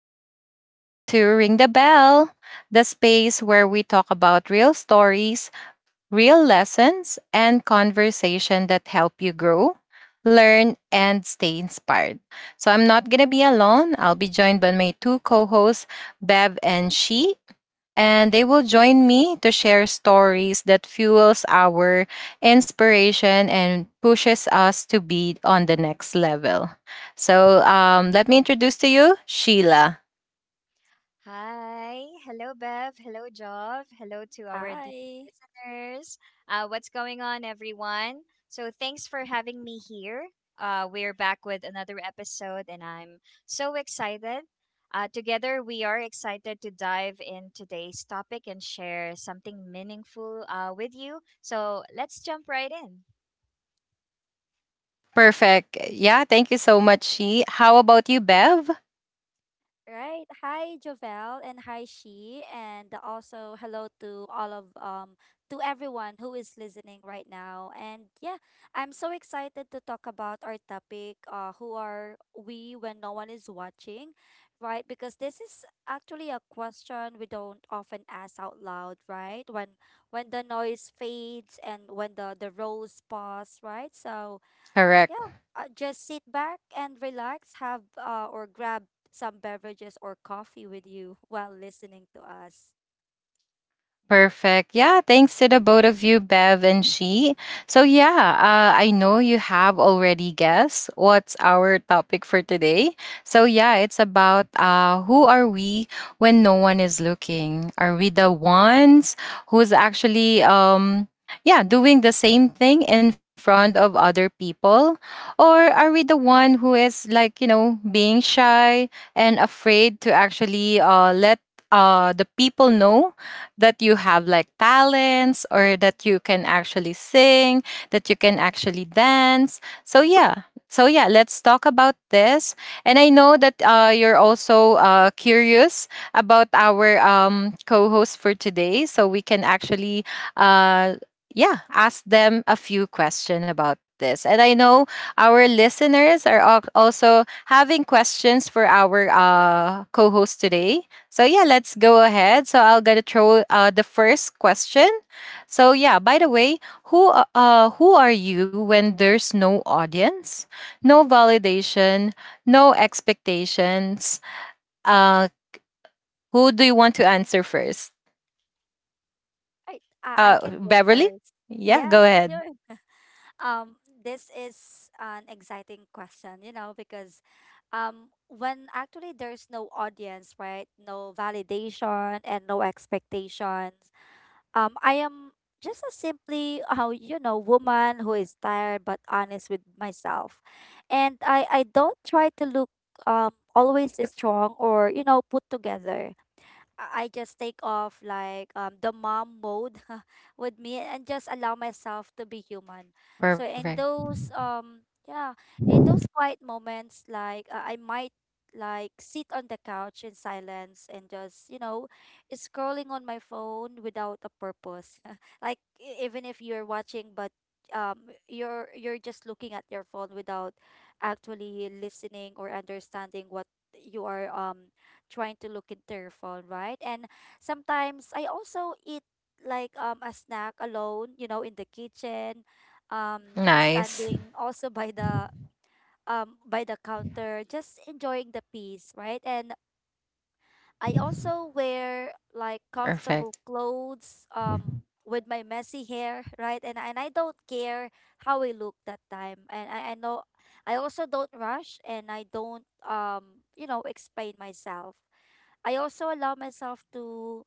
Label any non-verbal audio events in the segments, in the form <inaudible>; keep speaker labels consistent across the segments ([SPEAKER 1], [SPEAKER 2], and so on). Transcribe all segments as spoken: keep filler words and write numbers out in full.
[SPEAKER 1] and you're listening to Ring the Bell, the space where we talk about real stories, real lessons, and conversation that help you grow, learn, and stay inspired. So I'm not going to be alone. I'll be joined by my two co hosts, Bev and She and they will join me to share stories that fuels our inspiration and pushes us to be on the next level. So um, let me introduce to you Sheila.
[SPEAKER 2] Hi. Hello, Bev. Hello, Jov. Hello to our dear
[SPEAKER 3] Hi.
[SPEAKER 2] listeners. Uh, what's going on, everyone? So, thanks for having me here. Uh, we're back with another episode, and I'm so excited. Uh, together, we are excited to dive in today's topic and share something meaningful uh, with you. So, let's jump right in.
[SPEAKER 1] Perfect. Yeah, thank you so much, She. How about you, Bev?
[SPEAKER 3] Right. Hi, Jovel, and hi, she, and also hello to all of um to everyone who is listening right now. And yeah, I'm so excited to talk about our topic. Uh, who are we when no one is watching, right? Because this is actually a question we don't often ask out loud, right? When when the noise fades and when the the rows pause, right? So
[SPEAKER 1] Correct.
[SPEAKER 3] yeah, uh, just sit back and relax, have uh, or grab some beverages or coffee with you while listening to us.
[SPEAKER 1] Perfect. Yeah, thanks to the both of you, Bev and She. So, yeah, uh, I know you have already guessed what's our topic for today. So,
[SPEAKER 2] Mm-hmm.
[SPEAKER 1] yeah, it's about uh, who are we when no one is looking? Are we the ones who's actually, um, yeah, doing the same thing in front of other people? Or are we the one who is like, you know, being shy and afraid to actually uh, let uh, the people know? That you have like talents or that you can actually sing, that you can actually dance. So yeah. So yeah, let's talk about this. And I know that uh, you're also uh, curious about our um, co-host for today, so we can actually uh, yeah, ask them a few questions about this. And I know our listeners are al- also having questions for our uh, co-host today. So yeah, let's go ahead. So I'll gonna throw uh, the first question. So yeah, by the way, who a- uh who are you when there's no audience, no validation, no expectations? Uh, who do you want to answer first?
[SPEAKER 3] Right, I, I
[SPEAKER 1] Uh,
[SPEAKER 3] can go
[SPEAKER 1] Beverly.
[SPEAKER 3] first.
[SPEAKER 1] Yeah, go
[SPEAKER 3] Yes,
[SPEAKER 1] ahead.
[SPEAKER 3] sure. Um, this is an exciting question, you know, because um, when actually there's no audience, right? No validation and no expectations. Um, I am just a simply how you know woman who is tired but honest with myself, and I I don't try to look um always strong or you know put together. I I just take off like um the mom mode <laughs> with me and just allow myself to be human. So
[SPEAKER 1] Perfect.
[SPEAKER 3] in those um yeah, in those quiet moments like uh, I might like sit on the couch in silence and just, you know, scrolling on my phone without a purpose. <laughs> Like e- even if you're watching but um you're you're just looking at your phone without actually listening or understanding what you are um trying to look into your phone, right? And sometimes I also eat like um a snack alone, you know, in the kitchen, um
[SPEAKER 1] Nice.
[SPEAKER 3] standing also by the um by the counter, just enjoying the peace, right? And I also wear like comfortable
[SPEAKER 1] Perfect.
[SPEAKER 3] clothes, um with my messy hair, <laughs> right? And and I don't care how I look that time. And I, I know I also don't rush and I don't um you know explain myself. I also allow myself to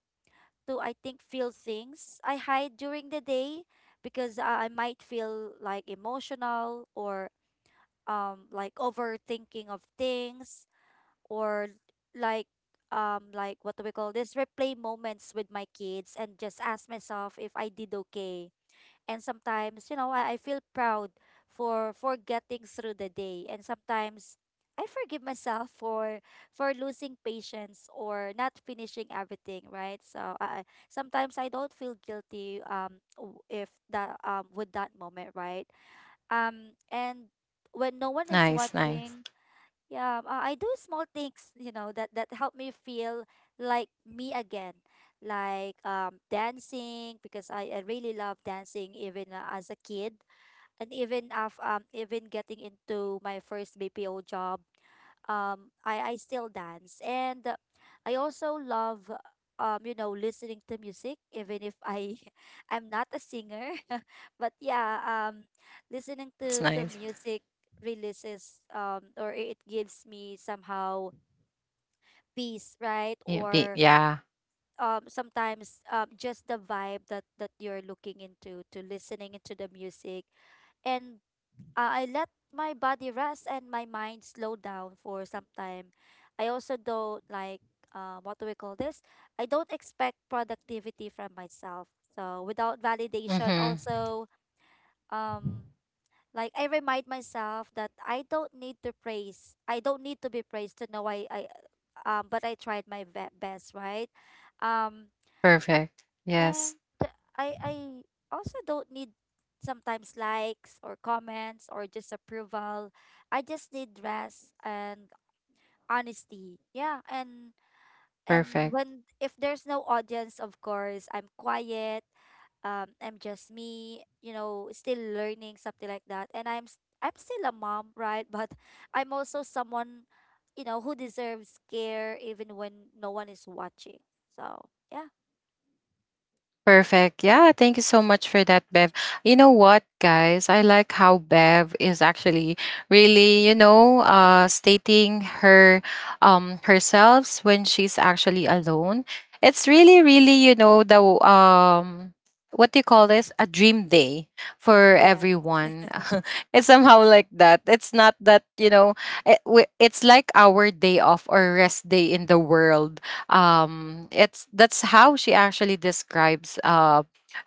[SPEAKER 3] to I think feel things I hide during the day because I I might feel like emotional or um like overthinking of things or like um like what do we call this, replay moments with my kids and just ask myself if I did okay. And sometimes, you know, I, I feel proud for for getting through the day, and sometimes I forgive myself for for losing patience or not finishing everything, right? So I I- sometimes I don't feel guilty um w- if that um with that moment, right? Um, and when no one is
[SPEAKER 1] Nice. Nice.
[SPEAKER 3] watching, yeah, uh, I do small things, you know, that that help me feel like me again. Like um dancing because I, I really love dancing, even uh, as a kid, and even af um even getting into my first B P O job, um I I still dance. And uh, I also love um you know listening to music, even if I <laughs> I'm not a singer <laughs> but yeah, um listening
[SPEAKER 1] It's
[SPEAKER 3] to to
[SPEAKER 1] nice.
[SPEAKER 3] music releases um, or it gives me somehow peace, right?
[SPEAKER 1] Yeah. Be,
[SPEAKER 3] Or
[SPEAKER 1] yeah.
[SPEAKER 3] um sometimes um, just the vibe that that you're looking into, to listening into the music. And uh, I let my body rest and my mind slow down for some time. I also don't like, uh, what do we call this? I don't expect productivity from myself. So without validation,
[SPEAKER 1] Mm-hmm.
[SPEAKER 3] also um like I remind myself that I don't need to praise. I don't need to be praised to know I I um but I tried my ve- best, right? Um,
[SPEAKER 1] Perfect. Yes.
[SPEAKER 3] and I I also don't need sometimes likes or comments or just approval. I just need rest and honesty. Yeah, and and
[SPEAKER 1] Perfect.
[SPEAKER 3] when if there's no audience, of course, I'm quiet. Um, I'm just me, you know, still learning something like that. And I'm s- I'm still a mom, right? <laughs> But I'm also someone, you know, who deserves care even when no one is watching. So, yeah.
[SPEAKER 1] Perfect. Yeah, thank you so much for that, Bev. You know what, guys? I like how Bev is actually really, you know, uh stating her um herself when she's actually alone. It's really, really, you know, the um what do you call this? A dream day for
[SPEAKER 3] Yes,
[SPEAKER 1] everyone. <laughs> It's somehow like that. It's not that, you know, it, we- it's like our day off or rest day in the world, um it's that's how she actually describes uh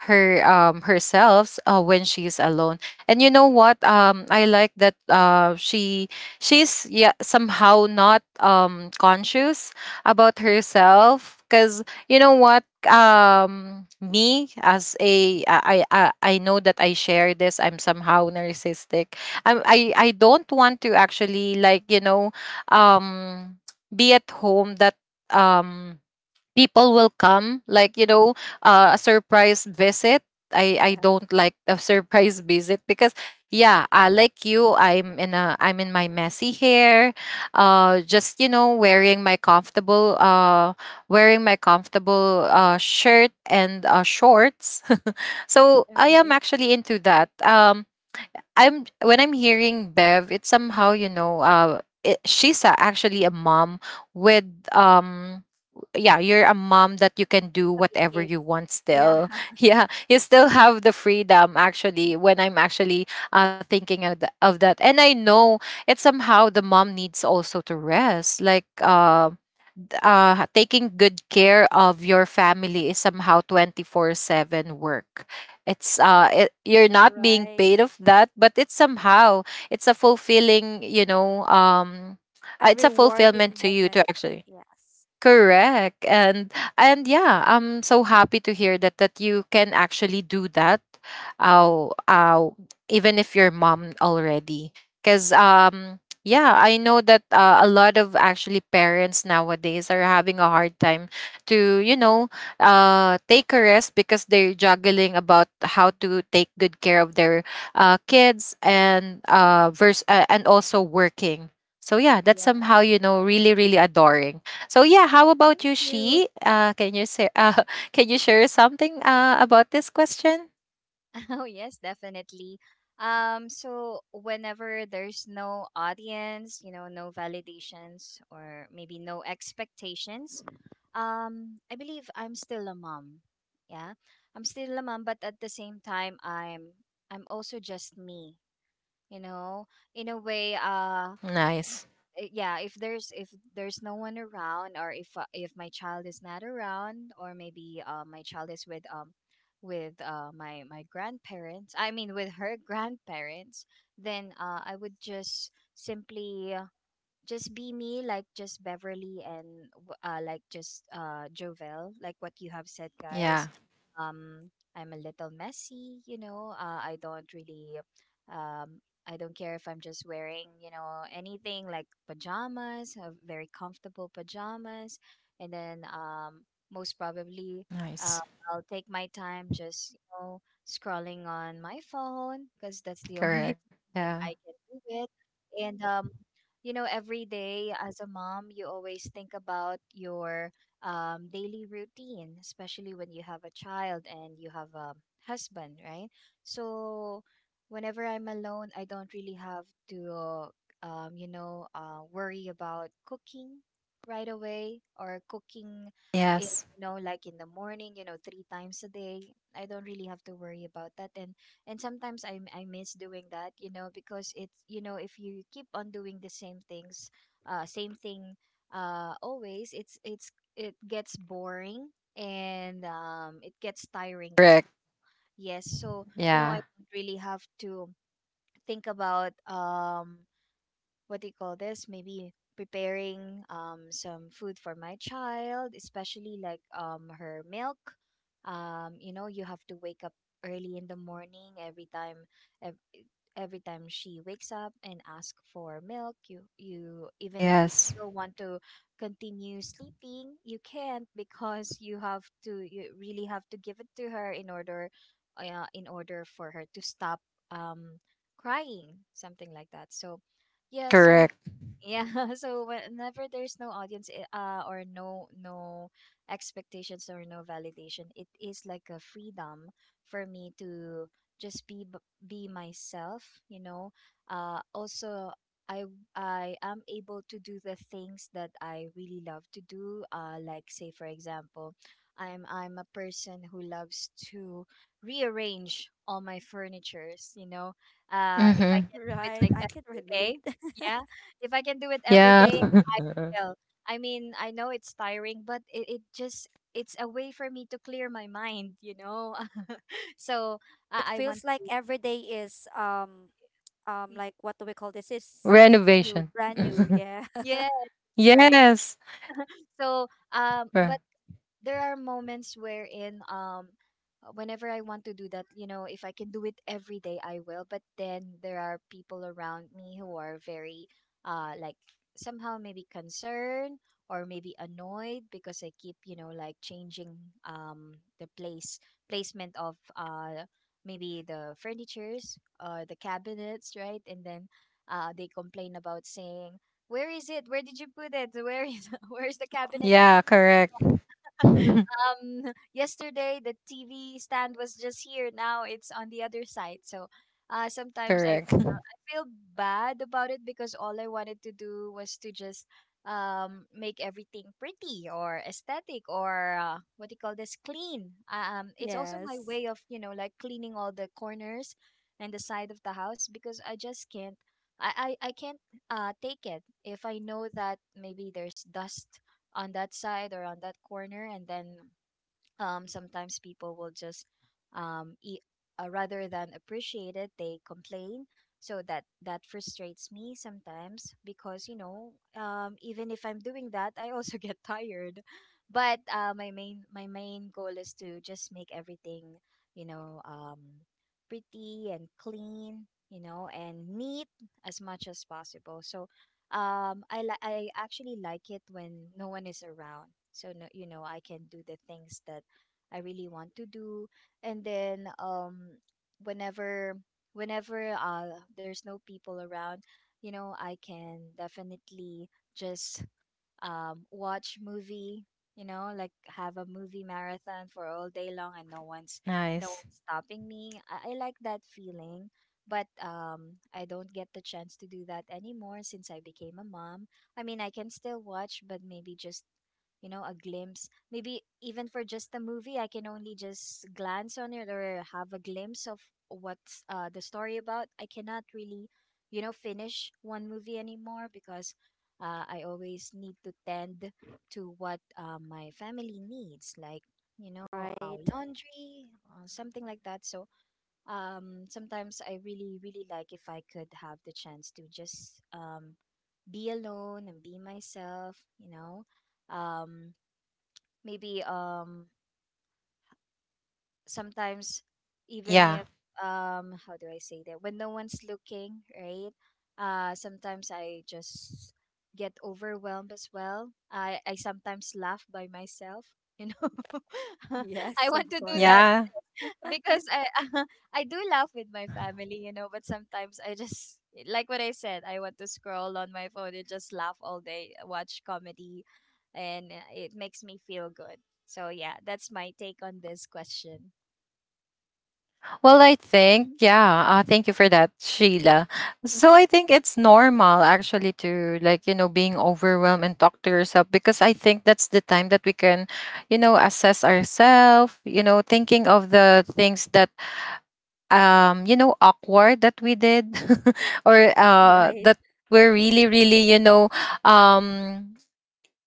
[SPEAKER 1] her um herself, uh, when she's alone. And you know what, um I like that uh she she's yeah somehow not um conscious about herself. Because you know what, um me as a I, I i I know that I share this, I'm somehow narcissistic. I'm, i i don't want to actually like, you know, um be at home that um people will come like, you know, uh, a surprise visit. i i
[SPEAKER 3] yeah.
[SPEAKER 1] don't like a <laughs> surprise visit because, yeah, uh, like you, i'm in a I'm in my messy hair, uh just you know wearing my comfortable uh wearing my comfortable uh shirt and uh shorts. <laughs> So
[SPEAKER 3] <laughs> All
[SPEAKER 1] I am
[SPEAKER 3] right.
[SPEAKER 1] actually into that. um I'm when I'm hearing Bev, it's somehow you know, uh, it, she's a, actually a mom with, um, yeah, you're a mom that you can do
[SPEAKER 3] Three
[SPEAKER 1] whatever
[SPEAKER 3] kids.
[SPEAKER 1] you want
[SPEAKER 3] Yeah,
[SPEAKER 1] still.
[SPEAKER 3] <laughs>
[SPEAKER 1] <laughs> Yeah, you still have the freedom actually. When I'm actually uh thinking of, the, of that, and I know it's somehow the mom needs also to rest, like um uh, taking good care of your family is somehow twenty-four seven work. It's uh it, you're not being
[SPEAKER 3] right.
[SPEAKER 1] paid of that, but it's somehow it's a fulfilling, you know, um
[SPEAKER 3] A
[SPEAKER 1] uh, it's a
[SPEAKER 3] rewarding
[SPEAKER 1] fulfillment to you to
[SPEAKER 3] moment.
[SPEAKER 1] actually.
[SPEAKER 3] Yes.
[SPEAKER 1] Correct. And and yeah, I'm so happy to hear that that you can actually do that. Uh, uh, even if you're mom already. Cause um yeah, I know that uh, a lot of actually parents nowadays are having a hard time to, you know, uh take a rest because they're juggling about how to take good care of their uh kids and
[SPEAKER 3] Hmm.
[SPEAKER 1] uh verse uh, and also working. So yeah, that's somehow,
[SPEAKER 3] Yes.
[SPEAKER 1] you know, really really adoring. So yeah, how about
[SPEAKER 3] Thank
[SPEAKER 1] you,
[SPEAKER 3] you.
[SPEAKER 1] She? Uh, can you share? <laughs> uh, can you share something uh, about this question?
[SPEAKER 2] Oh, yes, definitely. Um, so whenever there's no audience, you know, no validations or maybe no expectations, um, I believe I'm still a mom. Yeah. I'm still a mom, but at the same time I'm I'm also just me, you know. In a way, uh
[SPEAKER 1] Nice.
[SPEAKER 2] i- yeah if there's if there's no one around or if uh, if my child is not around or maybe uh, my child is with um with uh, my my grandparents. I mean, with her <laughs> grandparents. Then uh, I would just simply just be me, like just Beverly, and w- uh, like just uh Jovel, like what you have said,
[SPEAKER 1] Yeah.
[SPEAKER 2] guys. Um i'm a little messy, you know. Uh, i don't really um I don't care if I'm just wearing, you know, anything like pajamas, uh, very comfortable pajamas. And then um most probably
[SPEAKER 1] Nice.
[SPEAKER 2] uh, I'll take my time just, you know, scrolling on my phone, because that's the only
[SPEAKER 1] Correct.
[SPEAKER 2] <laughs> thing that
[SPEAKER 1] Yeah.
[SPEAKER 2] I can do it. And um you know, every day as a mom, you always think about your um, daily routine, especially when you have a child and you have a husband, right? So whenever I'm alone, I don't really have to um, you know, uh, worry about cooking right away, or cooking
[SPEAKER 1] Yes.
[SPEAKER 2] in, you know, like in the morning, you know, three times a day. I don't really have to worry about that. and and sometimes I I miss doing that, you know, because it's, you know, if you keep on doing the same things, uh, same thing, uh, always, it's it's it gets boring, and um it gets tiring as
[SPEAKER 1] Correct.
[SPEAKER 2] well. Yes, so you know,
[SPEAKER 1] Yeah.
[SPEAKER 2] I don't really have to think about um what do you call this? Maybe preparing um some food for my child, especially like um her milk. Um, you know, you have to wake up early in the morning every time, ev- every time she wakes up and ask for milk. you you even if you
[SPEAKER 1] Yes.
[SPEAKER 2] still want to continue sleeping, you can't, <laughs> because you have to, you really have to give it to her in order, uh, in order for her to stop um crying, something like that. So yeah, so
[SPEAKER 1] Correct.
[SPEAKER 2] yeah, <laughs> so whenever there's no audience, i- uh, or no no expectations or no validation, it is like a freedom for me to just be b- be myself, you know. Uh, also, I I am able to do the things that I really love to do. Uh, like say for example, I'm I'm a person who loves to rearrange all my furnitures, you know. Uh, if I
[SPEAKER 1] Mm-hmm.
[SPEAKER 2] can do it
[SPEAKER 3] Right.
[SPEAKER 2] like
[SPEAKER 3] I can
[SPEAKER 2] every
[SPEAKER 3] relate.
[SPEAKER 2] day,
[SPEAKER 3] <laughs>
[SPEAKER 2] yeah, if I can do it every
[SPEAKER 1] Yeah.
[SPEAKER 2] day,
[SPEAKER 1] <laughs>
[SPEAKER 2] I will. I mean, I know it's tiring, but it, it just, it's a way for me to clear my mind, you know. <laughs> So
[SPEAKER 3] It
[SPEAKER 2] I I
[SPEAKER 3] feels
[SPEAKER 2] want
[SPEAKER 3] like
[SPEAKER 2] to.
[SPEAKER 3] every day is um um, like what do we call this? Is new,
[SPEAKER 1] Renovation.
[SPEAKER 3] brand new.
[SPEAKER 1] <laughs>
[SPEAKER 3] Yeah. <laughs>
[SPEAKER 2] Yes, that's right.
[SPEAKER 1] Yes.
[SPEAKER 2] So um,
[SPEAKER 1] Cor-
[SPEAKER 2] but there are moments wherein um whenever I want to do that, you know, if I can do it every day, I will. But then there are people around me who are very uh like somehow maybe concerned or maybe annoyed because I keep, you know, like changing um the place placement of uh maybe the furnitures or the cabinets, right? And then uh they complain about, saying, "Where is it? Where did you put it? Where is, <laughs> where's the cabinet?
[SPEAKER 1] Yeah. Correct. <laughs>
[SPEAKER 2] um <laughs> Yesterday the T V stand was just here, now it's on the other side." So uh sometimes I,
[SPEAKER 1] Correct.
[SPEAKER 2] I feel bad about it, because all I wanted to do was to just um make everything pretty or aesthetic or uh, what do you call this, clean. Uh, um it's also my
[SPEAKER 3] Yes.
[SPEAKER 2] way of, you know, like cleaning all the corners and the side of the house, because I just can't, I, I, I can't uh, take it if I know that maybe there's dust on that side or on that corner. And then um, sometimes people will just um, e- uh, rather than appreciate it, they complain. So that, that frustrates me sometimes, because you know, um, even if I'm doing that, I also <laughs> get tired. But uh, my main my main goal is to just make everything, you know, um, pretty and clean, you know, and neat as much as possible. So um, I li- I actually like it when no one is around. So no, you know, I can do the things that I really want to do. And then um whenever whenever uh there's no people around, you know, I can definitely just um, watch movie, you know, like have a movie marathon for all day long, and no one's no
[SPEAKER 1] Nice.
[SPEAKER 2] one's stopping me. I, I like that feeling, but um, I don't get the chance to do that anymore since I became a mom. I mean, I can still watch, but maybe just, you know, a glimpse. Maybe even for just the movie, I can only just glance on it or have a glimpse of what's, uh, the story about. I cannot really, you know, finish one movie anymore, because uh, I always need to tend to what, uh, my family needs, like, you know, our
[SPEAKER 3] Right.
[SPEAKER 2] laundry, uh, something like that. So um, sometimes I really, really like if I could have the chance to just um, be alone and be myself. You know, um, maybe um, sometimes, even if,
[SPEAKER 1] Yeah.
[SPEAKER 2] um how do I say, that when no one's looking, right? Uh sometimes I just get overwhelmed as well. I I sometimes laugh by myself, you know. <laughs> I
[SPEAKER 3] Yes,
[SPEAKER 2] want
[SPEAKER 3] of
[SPEAKER 2] to do that,
[SPEAKER 3] course.
[SPEAKER 1] Yeah.
[SPEAKER 2] because I <laughs> I do laugh with my family, you know, but sometimes I just, like what I said, I want to scroll on my phone and just laugh all day, watch comedy, and uh, it makes me feel good. So yeah, that's my take on this question.
[SPEAKER 1] Well, I think,
[SPEAKER 2] Mhm,
[SPEAKER 1] yeah, uh, thank you for that, Sheila. So I think it's normal actually to like, you know, being overwhelmed and talk to yourself because I think that's the time that we can, you know, assess ourselves, you know, thinking of the things that, um, you know, awkward that we did <laughs> or uh,
[SPEAKER 3] Right.
[SPEAKER 1] that were really, really, you know, um,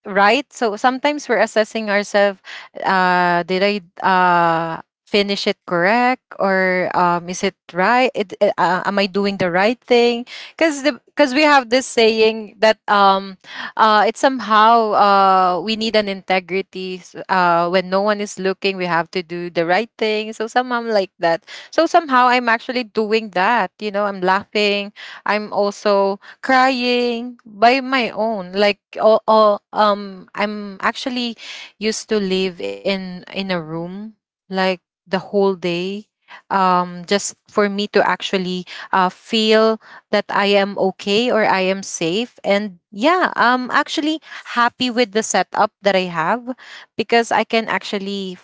[SPEAKER 1] right? So sometimes we're assessing ourselves, uh, did I uh finish it correct or um is it right? It, uh, uh, am I doing the right thing? Because the because we have this saying that um uh it's somehow uh we need an integrity s- uh when no one is looking we have to do the right thing. So somehow I'm like that, so somehow I'm actually doing that, you know. I'm laughing, I'm also crying by my own, like oh, oh. um I'm actually used to live in in a
[SPEAKER 2] mhm,
[SPEAKER 1] room like the whole day, um just for me to actually uh feel that I am okay or I am safe. And yeah, I'm actually happy with the setup that I have because I can actually.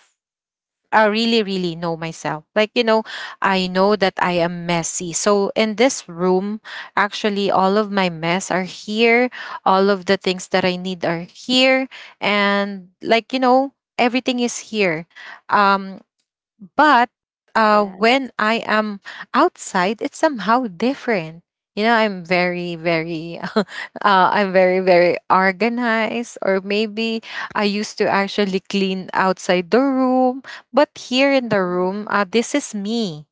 [SPEAKER 1] I really, really know myself. Like, you know, I know that I am messy. So, in this room, actually, all of my mess are here. All of the things that I need are here. And, like, you know, everything is here. Um, but uh,
[SPEAKER 3] Yes.
[SPEAKER 1] when I am outside, it's somehow different. You know, I'm very, very, <laughs> uh, I'm very, very organized, or maybe I used to actually clean outside the room. But here in the
[SPEAKER 3] Right.
[SPEAKER 1] room, uh, this is me.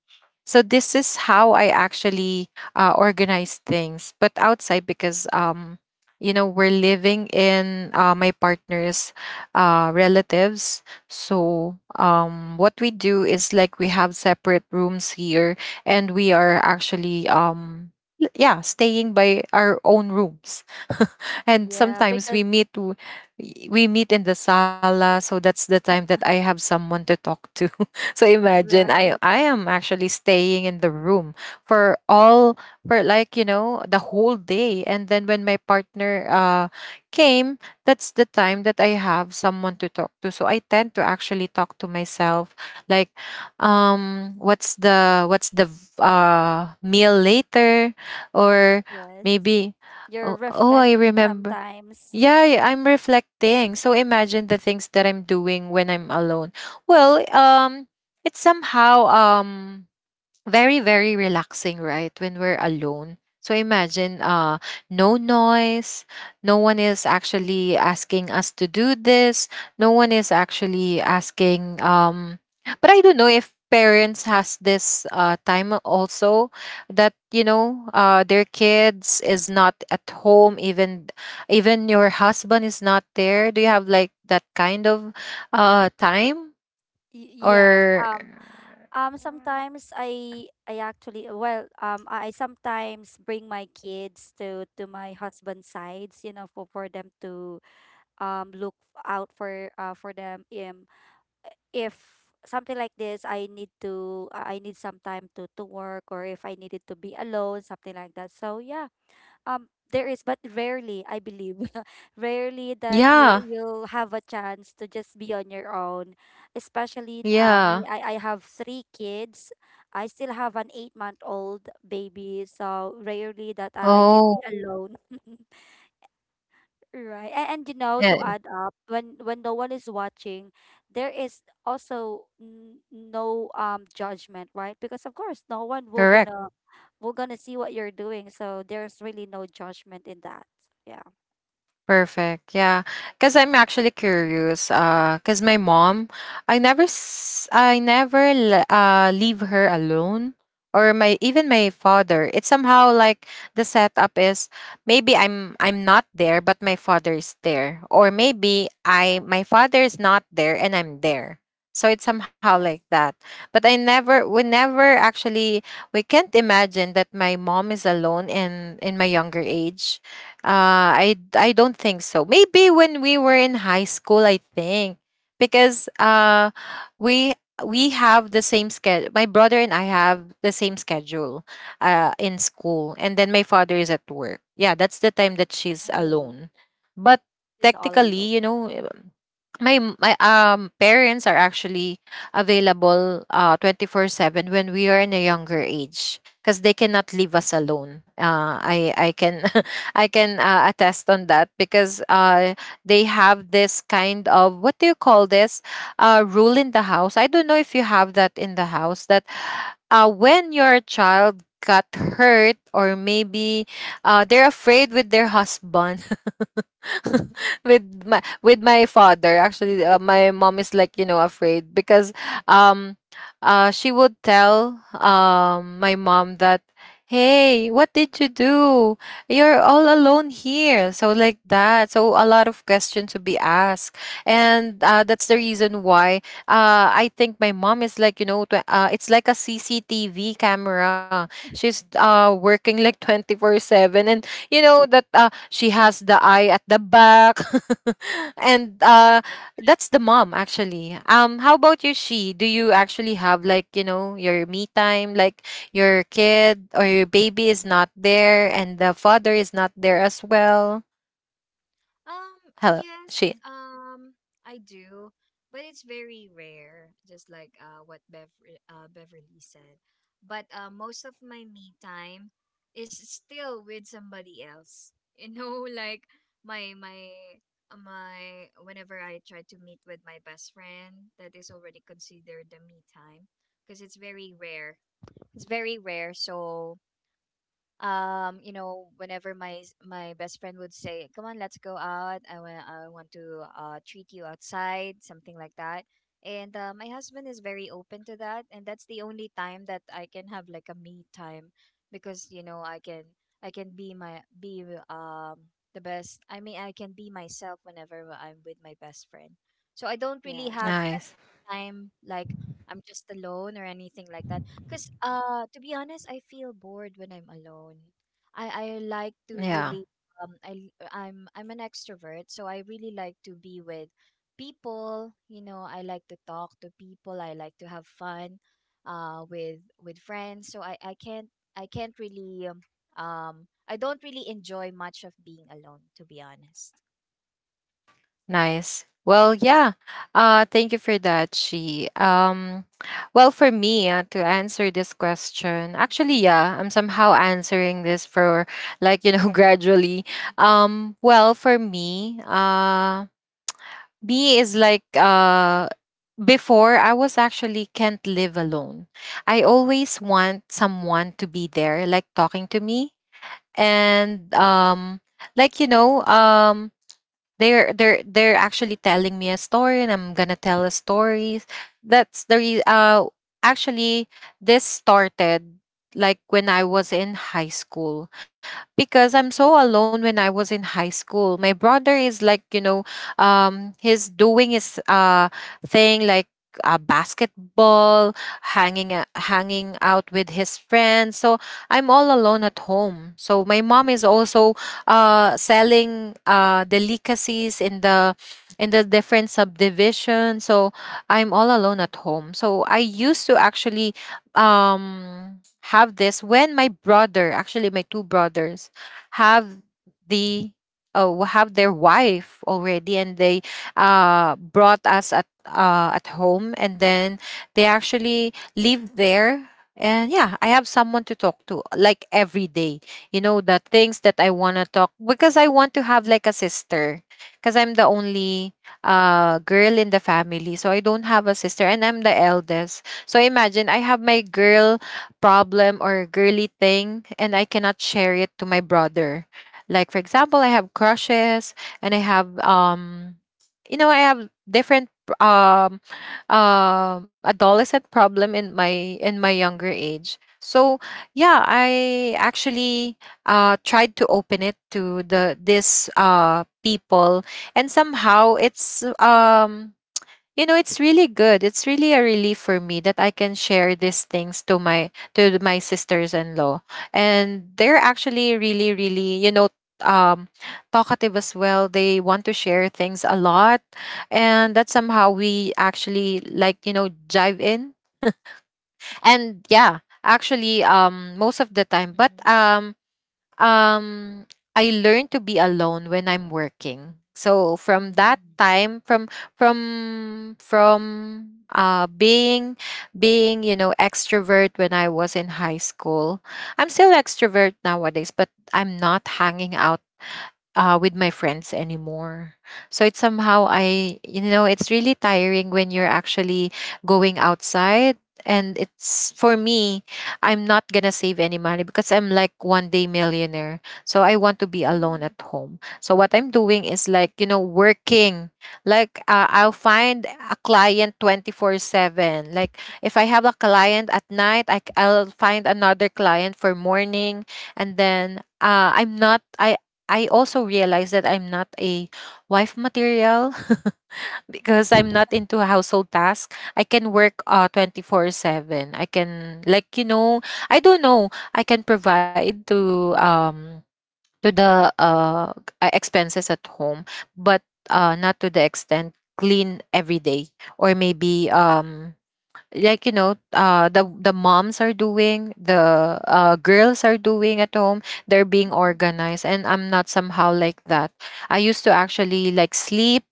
[SPEAKER 1] So this is how I actually uh, organize things. But outside, because um, you know, we're living in uh, my partner's uh, relatives, so, um, what we do is like we have separate rooms here, and we are actually, um, l- yeah, staying by our own rooms, and
[SPEAKER 3] Yeah,
[SPEAKER 1] sometimes
[SPEAKER 3] because
[SPEAKER 1] we meet w- we meet in the sala. So that's the time that I have someone to talk to. <laughs> So imagine, i
[SPEAKER 3] right.
[SPEAKER 1] I am actually staying in the room for all for like, you know, the whole day, and then when my partner uh came, that's the time that I have someone to talk to. So I tend to actually talk to myself, like um what's the what's the v- uh meal later, or
[SPEAKER 3] Yes.
[SPEAKER 1] maybe
[SPEAKER 3] You're
[SPEAKER 1] oh, oh I
[SPEAKER 3] reflecting
[SPEAKER 1] remember.
[SPEAKER 3] sometimes.
[SPEAKER 1] Yeah, I- I'm reflecting. So imagine the things that I'm doing when I'm alone. Well, um, it's somehow um very very relaxing right when we're alone. So imagine, uh no noise, no one is actually asking us to do this, no one is actually asking. um but I don't know if parents has this uh time also that, you know, uh their kids is not at home, even even your husband is not there. Do you have like that kind of uh time,
[SPEAKER 3] Y- yes.
[SPEAKER 1] or
[SPEAKER 3] Um. Um, sometimes I I actually, well, um I I sometimes bring my kids to to my husband's sides, you know, for, for them to um look out for uh for them, um if something like this, I need to I I need some time to to work, or if I needed to be alone, something like that. So yeah, um, there is, but rarely, I believe, <laughs> rarely that you
[SPEAKER 1] yeah
[SPEAKER 3] you'll have a chance to just be on your own. Especially uh,
[SPEAKER 1] yeah?
[SPEAKER 3] me, I I have three kids. I still have an eight month old baby, so rarely that I, I can
[SPEAKER 1] Oh,
[SPEAKER 3] be alone. <laughs> Right. And, and you know, to
[SPEAKER 1] yeah,
[SPEAKER 3] add up, when when no one is watching, there is also n- no um judgment, right? Because of course, no one will
[SPEAKER 1] correct.
[SPEAKER 3] gonna we're gonna see what you're doing. So there's really no judgment in that. Yeah.
[SPEAKER 1] Perfect. Yeah. Cuz I'm actually curious, uh cuz my mom, I never s- I never le- uh leave her alone, or my even my father. It's somehow like the setup is, maybe I'm I'm not there but my father is there, or maybe I
[SPEAKER 3] Yeah.
[SPEAKER 1] my father is not there and I'm there. So it's somehow like
[SPEAKER 3] Yes.
[SPEAKER 1] that. But I never, we never actually, we can't imagine that my mom is alone in in my younger age. Uh, I I don't think so. Maybe when we were in high school, I think, because uh, we we have the same schedule. My brother and I have the same schedule uh, in school, and then my father is at work. Yeah, that's the time that she's
[SPEAKER 3] Oh,
[SPEAKER 1] alone. But
[SPEAKER 3] she's all alone.
[SPEAKER 1] technically, you know, um, my m- my um parents are actually available uh twenty-four seven when we are in a younger age because they cannot leave us alone. Uh, I I can <laughs> I can uh, attest on that because uh, they have this kind of what do you call this uh, rule in the house. I don't know if you have that in the house that uh, when your child got hurt, or maybe uh, they're afraid with their husband. <laughs> With my with my father, actually, uh, my
[SPEAKER 2] mhm.
[SPEAKER 1] mom is, like, you know, afraid, because um uh she would tell um my mom that, hey, what did you do? You're all alone here, so like that. So a lot of questions to be asked. And uh, that's the reason why, uh I think my mom is, like, you know, tw- uh, it's like a CCTV camera. She's uh working like twenty-four seven, and you know that uh, she has the eye at the back. <laughs> And uh that's the mom, actually. um how about you, She? Do you actually have, like, you know, your me time, like your kid or your baby is not there and the father is not there as well?
[SPEAKER 2] Um,
[SPEAKER 1] Hello?
[SPEAKER 2] yes,
[SPEAKER 1] She?
[SPEAKER 2] um, I do, but it's very rare, just like uh what Bev uh Beverly said. But uh most of my me time is still with somebody else. You know, <laughs> like my my uh, my whenever I try to meet with my best friend, that is already considered the me time, because it's very rare. It's very rare. So um you know, whenever my s- my best friend would say, "Come on, let's go out. I want, I want to uh treat you outside," something like that. And uh, my husband is very open to that, and that's the only time that I can have like a me time, because you know, I can, I can be my be um the best I mean I can be myself whenever I'm with my best friend. So I don't really
[SPEAKER 3] Yes.
[SPEAKER 2] have that
[SPEAKER 1] Nice.
[SPEAKER 2] time, like I'm just alone or anything like that, because uh, to be honest, I feel bored when I'm alone. I, I like to
[SPEAKER 1] Yeah.
[SPEAKER 2] really, um I I'm I'm an extrovert, so I really like to be with people. You know, I like to talk to people. I like to have fun, uh, with with friends. So I I can't I can't really, um um, I don't really enjoy much of being alone, to be honest.
[SPEAKER 1] Nice. Well, yeah. Uh, thank you for that, She. Um, well, for me, uh, to answer this question, actually, yeah, I'm somehow answering this for, like, you know, <laughs> gradually. Um, well, for me, uh, me is like, uh, before I was actually can't live alone. I always want someone to be there, like talking to me. And, um, like, you know, um, they're they're they're actually telling me a story, and I'm gonna tell a story. That's the re- uh actually, this started like when I was in high school, because I'm so alone when I was in high school. My brother is, like, you know, um he's doing his uh thing, like uh, basketball, hanging a- hanging out with his friends. So I'm all alone at home. So my mom is also uh, selling uh, delicacies in the in the different subdivision. So I'm all alone at home. So I used to actually um, have this when my brother, actually my two brothers, have the oh have their wife already, and they uh, brought us at, uh, at home, and then they actually live there. And yeah, I have someone to talk to like every day, you know, the things that I want to talk, because I want to have like a sister, because I'm the only uh girl in the family, so I don't have a sister, and I'm the eldest. So imagine I have my girl problem or girly thing, and I cannot share it to my brother. Like, for example, I have crushes, and I have um you know, I have different um um adolescent problem in my in my younger age. So yeah, I actually uh, tried to open it to the this uh, people, and somehow it's, um, you know, it's really good. It's really a relief for me that I can share these things to my to my sisters-in-law, and they're actually really really, you know, um talkative as well. They want to share things a lot, and that
[SPEAKER 3] Mhm.
[SPEAKER 1] somehow we actually, like, you know, jive in. And yeah, actually um most of the time, but
[SPEAKER 2] Mm-hmm.
[SPEAKER 1] um um I learned to be alone when I'm working. So from that
[SPEAKER 2] Mm-hmm.
[SPEAKER 1] time, from from from uh being, being, you know, extrovert when I was in high school. I'm still extrovert nowadays, but I'm not hanging out uh, with my friends anymore. So it's somehow, I, you know, it's really tiring when you're actually going outside. And it's for me, I'm not gonna save any money, because I'm like one day millionaire. So I want to be alone
[SPEAKER 3] Mm,
[SPEAKER 1] at home. So what I'm doing is, like, you know, working. Like, uh, I'll find a client twenty-four seven. Like, if I have a client at night, I, c- I'll find another client for morning. And then uh, I'm not I I also realized that I'm not a wife material. <laughs> Because I'm not into household tasks. I can work uh twenty-four seven. I can, like, you know, I don't know. I can provide to um to the uh uh, expenses at home, but uh not to the extent clean every day, or maybe um like, you know, uh the the moms are doing, the uh girls are doing at home. They're being
[SPEAKER 3] mhm.
[SPEAKER 1] organized, and I'm not somehow like that. I used to actually like sleep,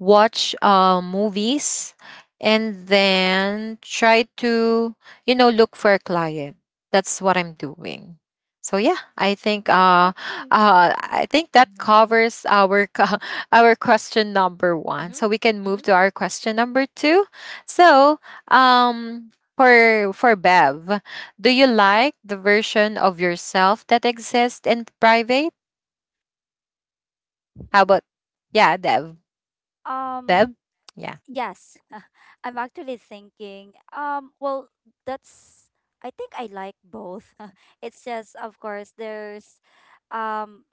[SPEAKER 1] watch uh, movies, and then try to, you know, look for a client. That's what I'm doing. So yeah, I think,
[SPEAKER 3] That's
[SPEAKER 1] uh,
[SPEAKER 3] okay.
[SPEAKER 1] uh, I think that covers our co- <laughs> our question number one. So we can
[SPEAKER 2] Mm-hmm.
[SPEAKER 1] move to our question number two. So um, for for Bev, do you like the version of yourself that exists in private? How
[SPEAKER 3] Hmm.
[SPEAKER 1] about, yeah, Dev,
[SPEAKER 3] Um.
[SPEAKER 1] Bev? Yeah.
[SPEAKER 3] Yes. <laughs> I'm actually thinking. Um. Well, that's. I think I like both. <laughs> It's just, of course, there's, um,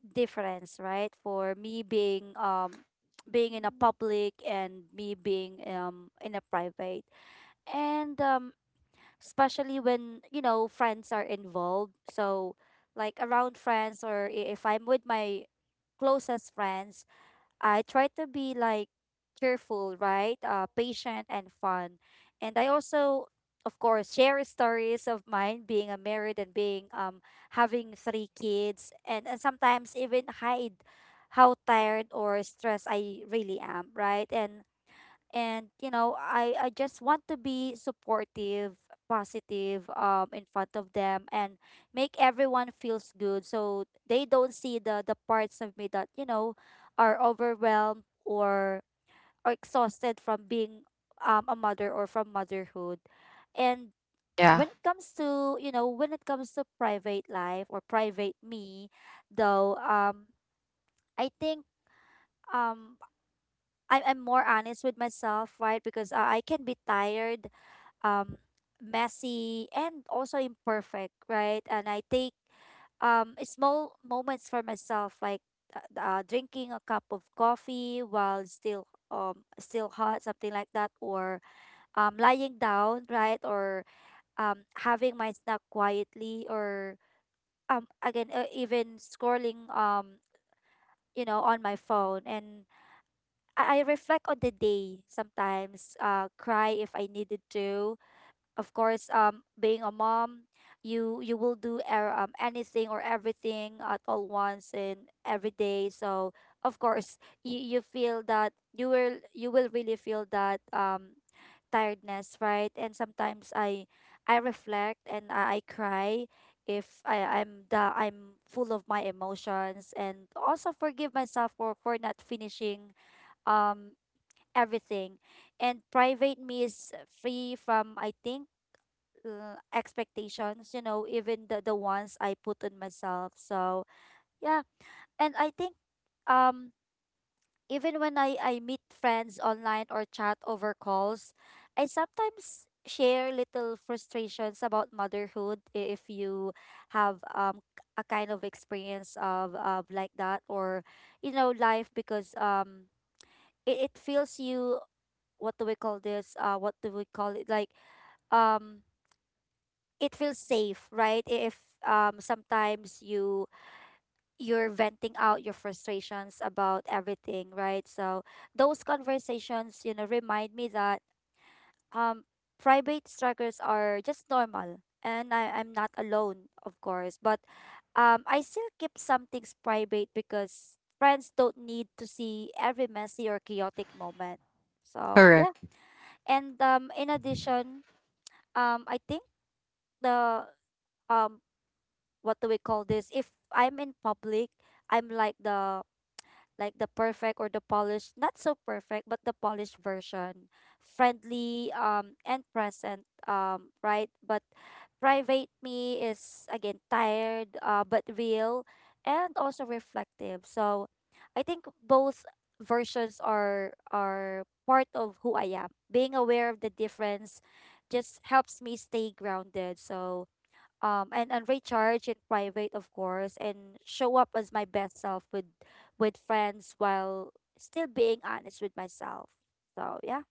[SPEAKER 3] difference, right? For me being um being in a public and me being um in a private. And um, especially when, you know, friends are involved. So, like around friends, or i- if I'm with my closest friends, I try to be like cheerful, right? Uh, patient and fun. And I also, of course, share stories of mine being a married and being um having three kids, and, and sometimes even hide how tired or stressed I really am, right? And and you know i i just want to be supportive, positive um in front of them and make everyone feels good so they don't see the the parts of me that you know are overwhelmed or or exhausted from being um, a mother or from motherhood. And
[SPEAKER 1] Yeah.
[SPEAKER 3] when it comes to you know, when it comes to private life or private me, though, um, I think um I, I'm more honest with myself, right? Because uh, I can be tired, um, messy, and also imperfect, right? And I take um small moments for myself, like uh, uh, drinking a cup of coffee while still um still hot, something like that, or um lying down, right, or um having my snack quietly, or um again uh, even scrolling um you know on my phone. And I, I reflect on the day, sometimes uh cry if I needed to. Of course, um, being a mom, you you will do er, um, anything or everything at all once and every day. So of course you, you feel that you will you will really feel that um tiredness, right? And sometimes I I reflect, and i, I cry if I, i'm the I'm full of my emotions, and also forgive myself for for not finishing um everything. And private me is free from, I think, uh, expectations, you know, even the, the ones I put on myself. So yeah. And I think um, even when i i meet friends online or chat over calls, I sometimes share little frustrations about motherhood, i- if you have um a kind of experience of, of like that, or you know, life, because um it, it feels you what do we call this uh what do we call it like um it feels safe, right? If um sometimes you you're venting out your frustrations about everything, right? So those conversations, you know, remind me that um private struggles are just normal and I, I'm not alone, of course. But um I still keep some things private because friends don't need to see every messy or chaotic moment. So yeah.
[SPEAKER 1] Correct.
[SPEAKER 3] And um in addition, um, I think the um what do we call this? If I'm in public, I'm like the like the perfect or the polished, not so perfect, but the polished version, friendly um and present um right. But private me is again tired uh but real and also reflective. So I think both versions are are part of who I am. Being aware of the difference just helps me stay grounded. So um and, and recharge in private of course, and show up as my best self with with friends while still being honest with myself. So yeah.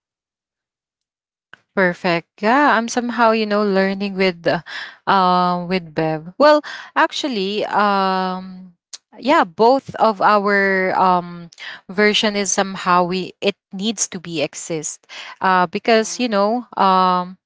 [SPEAKER 1] Perfect. Yeah, I'm somehow, you know, learning with, uh, um with Bev. Well, actually, um <tsk> yeah, both of our um version is somehow, we it needs to be exist. Uh, because,
[SPEAKER 3] Yeah.
[SPEAKER 1] you know, um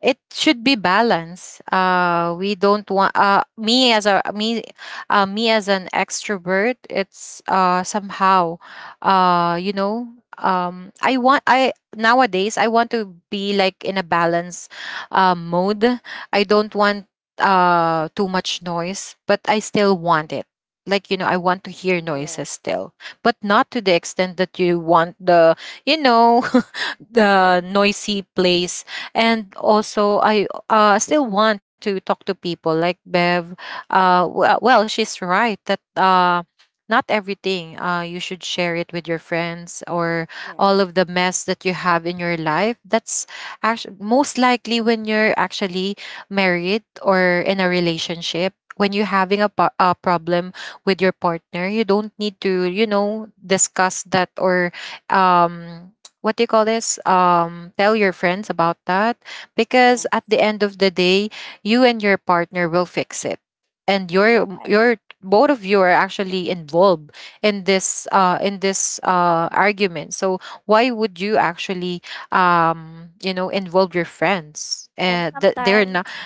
[SPEAKER 1] it should be balanced. Uh, we don't want uh, me as a me, uh, me as an extrovert. It's, uh, somehow, uh, you know, um, I want, I nowadays, I want to be like in a balance uh, mode. I don't want uh, too much noise, but I still want it. Like, you know, I want to hear noises
[SPEAKER 3] Yes.
[SPEAKER 1] still, but not to the extent that you want the, you know, <laughs>
[SPEAKER 3] <laughs>
[SPEAKER 1] the noisy place. And also I uh, still want to talk to people, like Bev. uh, w- uh, well, she's right that uh, not everything uh, you should share it with your friends, or all
[SPEAKER 3] Yes.
[SPEAKER 1] of the mess that you have in your life. That's actually most likely when you're actually married or in a relationship, when you're having a, po- a problem with your partner, you don't need to, you know, discuss that, or um what do you call this, um tell your friends about that. Because at
[SPEAKER 3] Yes.
[SPEAKER 1] the end of the day, you and your partner will fix it, and
[SPEAKER 3] You're
[SPEAKER 1] your
[SPEAKER 3] right.
[SPEAKER 1] your both of you are actually involved in this uh in this uh argument. So why would you actually, um you know, involve your friends,
[SPEAKER 3] And
[SPEAKER 1] uh, that they're not.
[SPEAKER 3] sometimes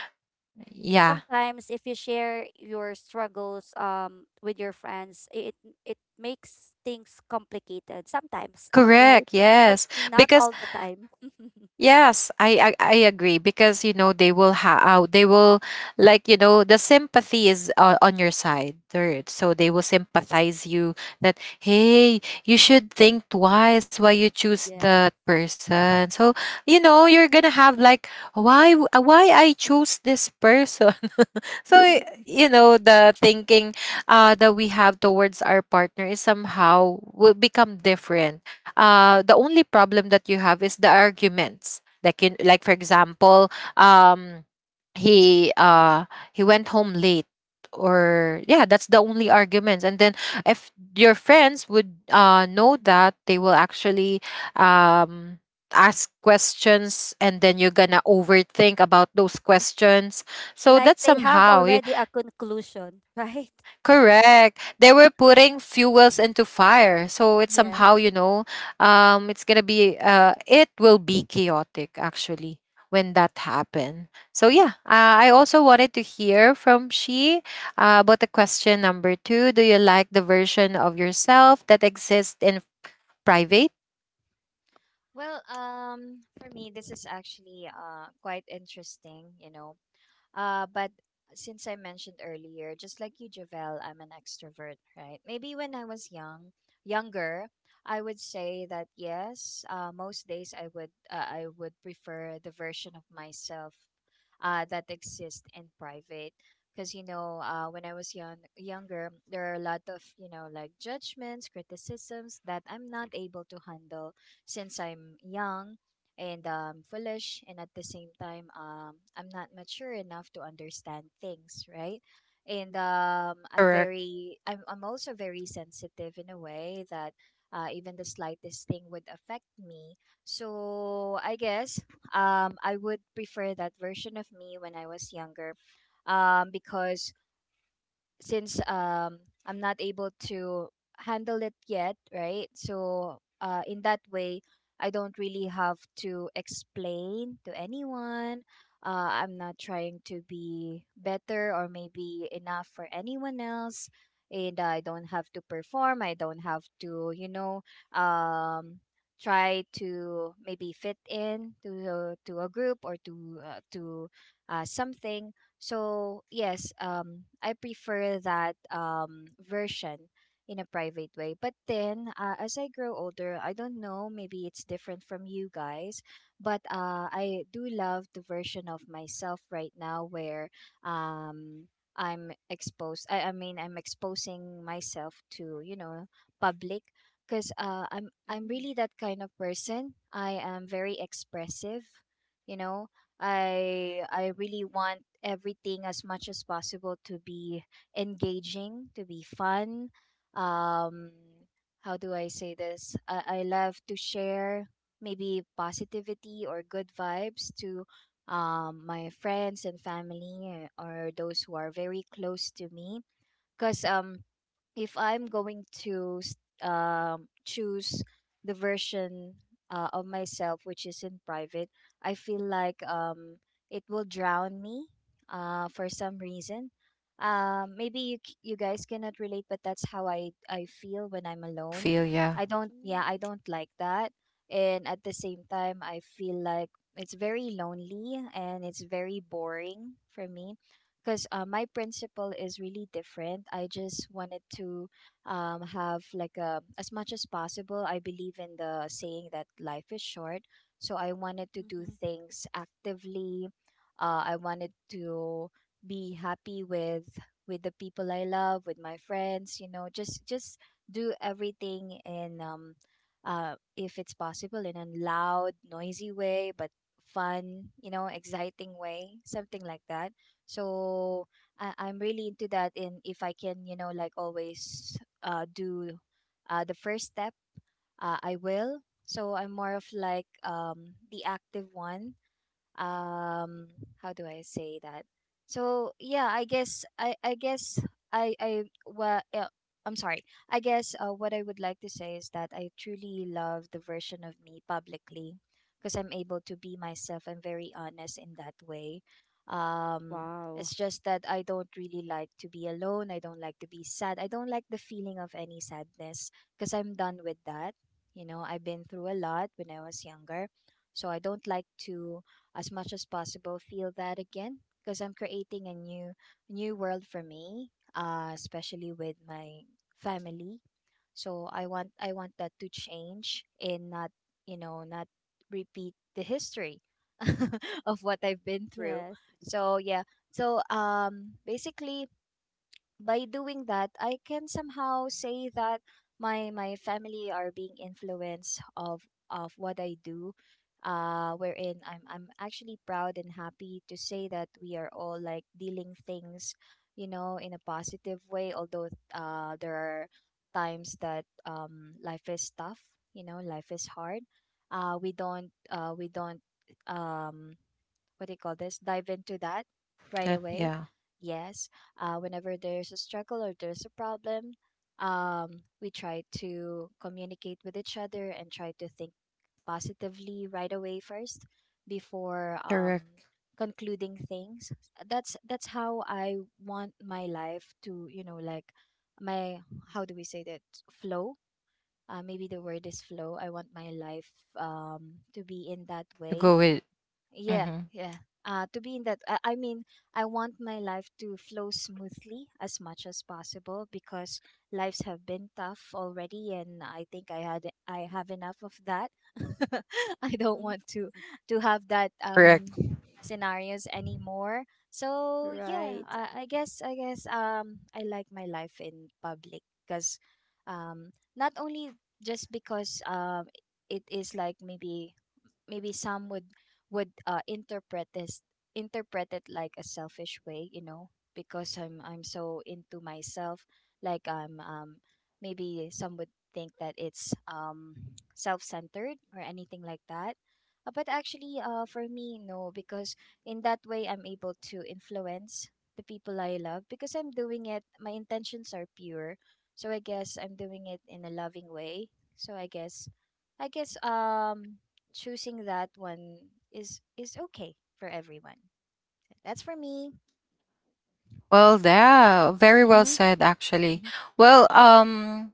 [SPEAKER 1] Yeah.
[SPEAKER 3] sometimes if you share your struggles um with your friends, it it makes things complicated sometimes. <laughs> All right,
[SPEAKER 1] Correct,
[SPEAKER 3] but
[SPEAKER 1] yes.
[SPEAKER 3] not
[SPEAKER 1] Because
[SPEAKER 3] all the time. <laughs>
[SPEAKER 1] yes, I, I I agree, because, you know, they will ha uh, they will, like, you know, the sympathy is uh, on your side. They're, so they will sympathize you that, hey, you should think twice why you choose
[SPEAKER 3] Yes.
[SPEAKER 1] that person. So you know, you're gonna have like, why, w- uh, why I choose this person. <laughs> So, i-
[SPEAKER 3] <laughs>
[SPEAKER 1] you know, the thinking uh that we have towards our partner is somehow will become different. Uh, the only problem that you have is the arguments, like you, like for example, um, he uh he went home late, or yeah, that's the only arguments. And then if your friends would uh know that, they will actually um ask questions, and then you're gonna overthink about those questions. So
[SPEAKER 3] Like
[SPEAKER 1] that's
[SPEAKER 3] they have
[SPEAKER 1] somehow.
[SPEAKER 3] already a conclusion, <laughs> right?
[SPEAKER 1] Correct. They were putting fuels into fire. So it's
[SPEAKER 3] Yes.
[SPEAKER 1] somehow, you know, um it's going to be uh it will be chaotic actually when that happened. So yeah, uh, I also wanted to hear from She uh, about the question number two. Do you like the version of yourself that exists in private?
[SPEAKER 2] Well, um, for me, this is actually uh quite interesting, you know, uh, but since I mentioned earlier, just like you, Javel, I'm an extrovert, right? Maybe when I was young, younger, I would say that yes. Uh, most days I would, uh, I would prefer the version of myself uh, that exists in private. Because you know, uh, when I was young, younger, there are a lot of, you know, like judgments, criticisms that I'm not able to handle, since I'm young and um, foolish, and at the same time, um, I'm not mature enough to understand things, right? And um, I'm
[SPEAKER 1] Correct.
[SPEAKER 2] very, I'm, I'm also very sensitive in a way that uh, even the slightest thing would affect me. So I guess, um, I would prefer that version of me when I was younger, um, because since um I'm not able to handle it yet, right? So uh in that way, I don't really have to explain to anyone. Uh, I'm not trying to be better or maybe enough for anyone else. And I don't have to perform. I don't have to, you know, um, try to maybe fit in to, to a group, or to, uh, to uh, something. So yes, um, I prefer that um, version in a private way. But then, uh, as I grow older, I don't know. Maybe it's different from you guys, but uh, I do love the version of myself right now where um, I'm exposed. I, I mean, I'm exposing myself to you know public because uh, I'm I'm
[SPEAKER 3] Mm.
[SPEAKER 2] really that kind of person. I am very expressive. You know, I I really want everything as much as possible to be engaging, to be fun. Um, how do I say this? I, I love to share maybe positivity or good vibes to um, my friends and family uh, or those who are very close to me. Because um, if I'm going to s- um, choose the version uh, of myself which is in private, I feel like um, it will drown me uh, for some reason. Um, maybe you c- you guys cannot relate, but that's how I I feel when I'm alone.
[SPEAKER 1] Feel, yeah.
[SPEAKER 2] I don't, yeah, I
[SPEAKER 3] Mm.
[SPEAKER 2] don't like that, and at the same time I feel like it's very lonely and it's very boring for me because uh, my principle is really different. I just wanted to um, have like a, as much as possible. I believe in the saying that life is short, so I wanted to do
[SPEAKER 3] Mm-hmm.
[SPEAKER 2] things actively. Uh, I wanted to be happy with with the people I love, with my friends. You know, just just do everything in um, uh, if it's possible in a loud, noisy way, but fun, you know, exciting way, something like that. So I, I'm really into that. And if I can, you know, like always uh, do uh, the first step, uh, I will. So I'm more of like um, the active one. Um how do I say that? So yeah, I guess I I guess I I well uh, I'm sorry I guess uh, what I would like to say is that I truly love the version of me publicly because I'm able to be myself. I'm very honest in that way. um
[SPEAKER 3] Wow.
[SPEAKER 2] it's just that I don't really like to be alone. I don't like to be sad. I don't like the feeling of any sadness because I'm done with that. You know, I've been through a lot when I was younger, so I don't like to, as much as possible, feel that again because I'm creating a new new world for me, uh, especially with my family. So I want I want that to change and not, you know, not repeat the history <laughs> of what I've been through.
[SPEAKER 3] Yes.
[SPEAKER 2] So yeah. So um basically by doing that, I can somehow say that my my family are being influenced of of what I do. Uh, wherein I'm I'm actually proud and happy to say that we are all like dealing things, you know, in a positive way. Although uh, there are times that um life is tough, you know, life is hard. Uh, we don't uh we don't um what do you call this, dive into that right
[SPEAKER 1] That,
[SPEAKER 2] away.
[SPEAKER 1] yeah.
[SPEAKER 2] Yes, uh, whenever there's a struggle or there's a problem, um, we try to communicate with each other and try to think positively right away first before um,
[SPEAKER 1] Correct.
[SPEAKER 2] concluding things. That's that's how I want my life to, you know, like my, how do we say that, flow. Uh, maybe the word is flow. I want my life, um, to be in that
[SPEAKER 1] To
[SPEAKER 2] way.
[SPEAKER 1] go with.
[SPEAKER 2] Yeah,
[SPEAKER 1] Mhm.
[SPEAKER 2] yeah. Uh, to be in that, I, I mean, I want my life to flow smoothly as much as possible because lives have been tough already, and I think I had I have enough of that. <laughs> I don't want to to have that um scenarios anymore. So yeah, I, I guess I guess um I like my life in public because, um not only just because, um it is like maybe, maybe some would would uh, interpret this, interpret it like a selfish way, you know, because i'm i'm so into myself. Like I'm um maybe some would think that it's um self-centered or anything like that. Uh, but actually uh for me no, because in that way I'm able to influence the people I love because I'm doing it. My intentions are pure, so I guess I'm doing it in a loving way. So i guess i guess um choosing that one is is okay for everyone. That's for me.
[SPEAKER 1] Well, yeah, very well
[SPEAKER 2] Mm-hmm.
[SPEAKER 1] said, actually.
[SPEAKER 2] Hmm.
[SPEAKER 1] Well, um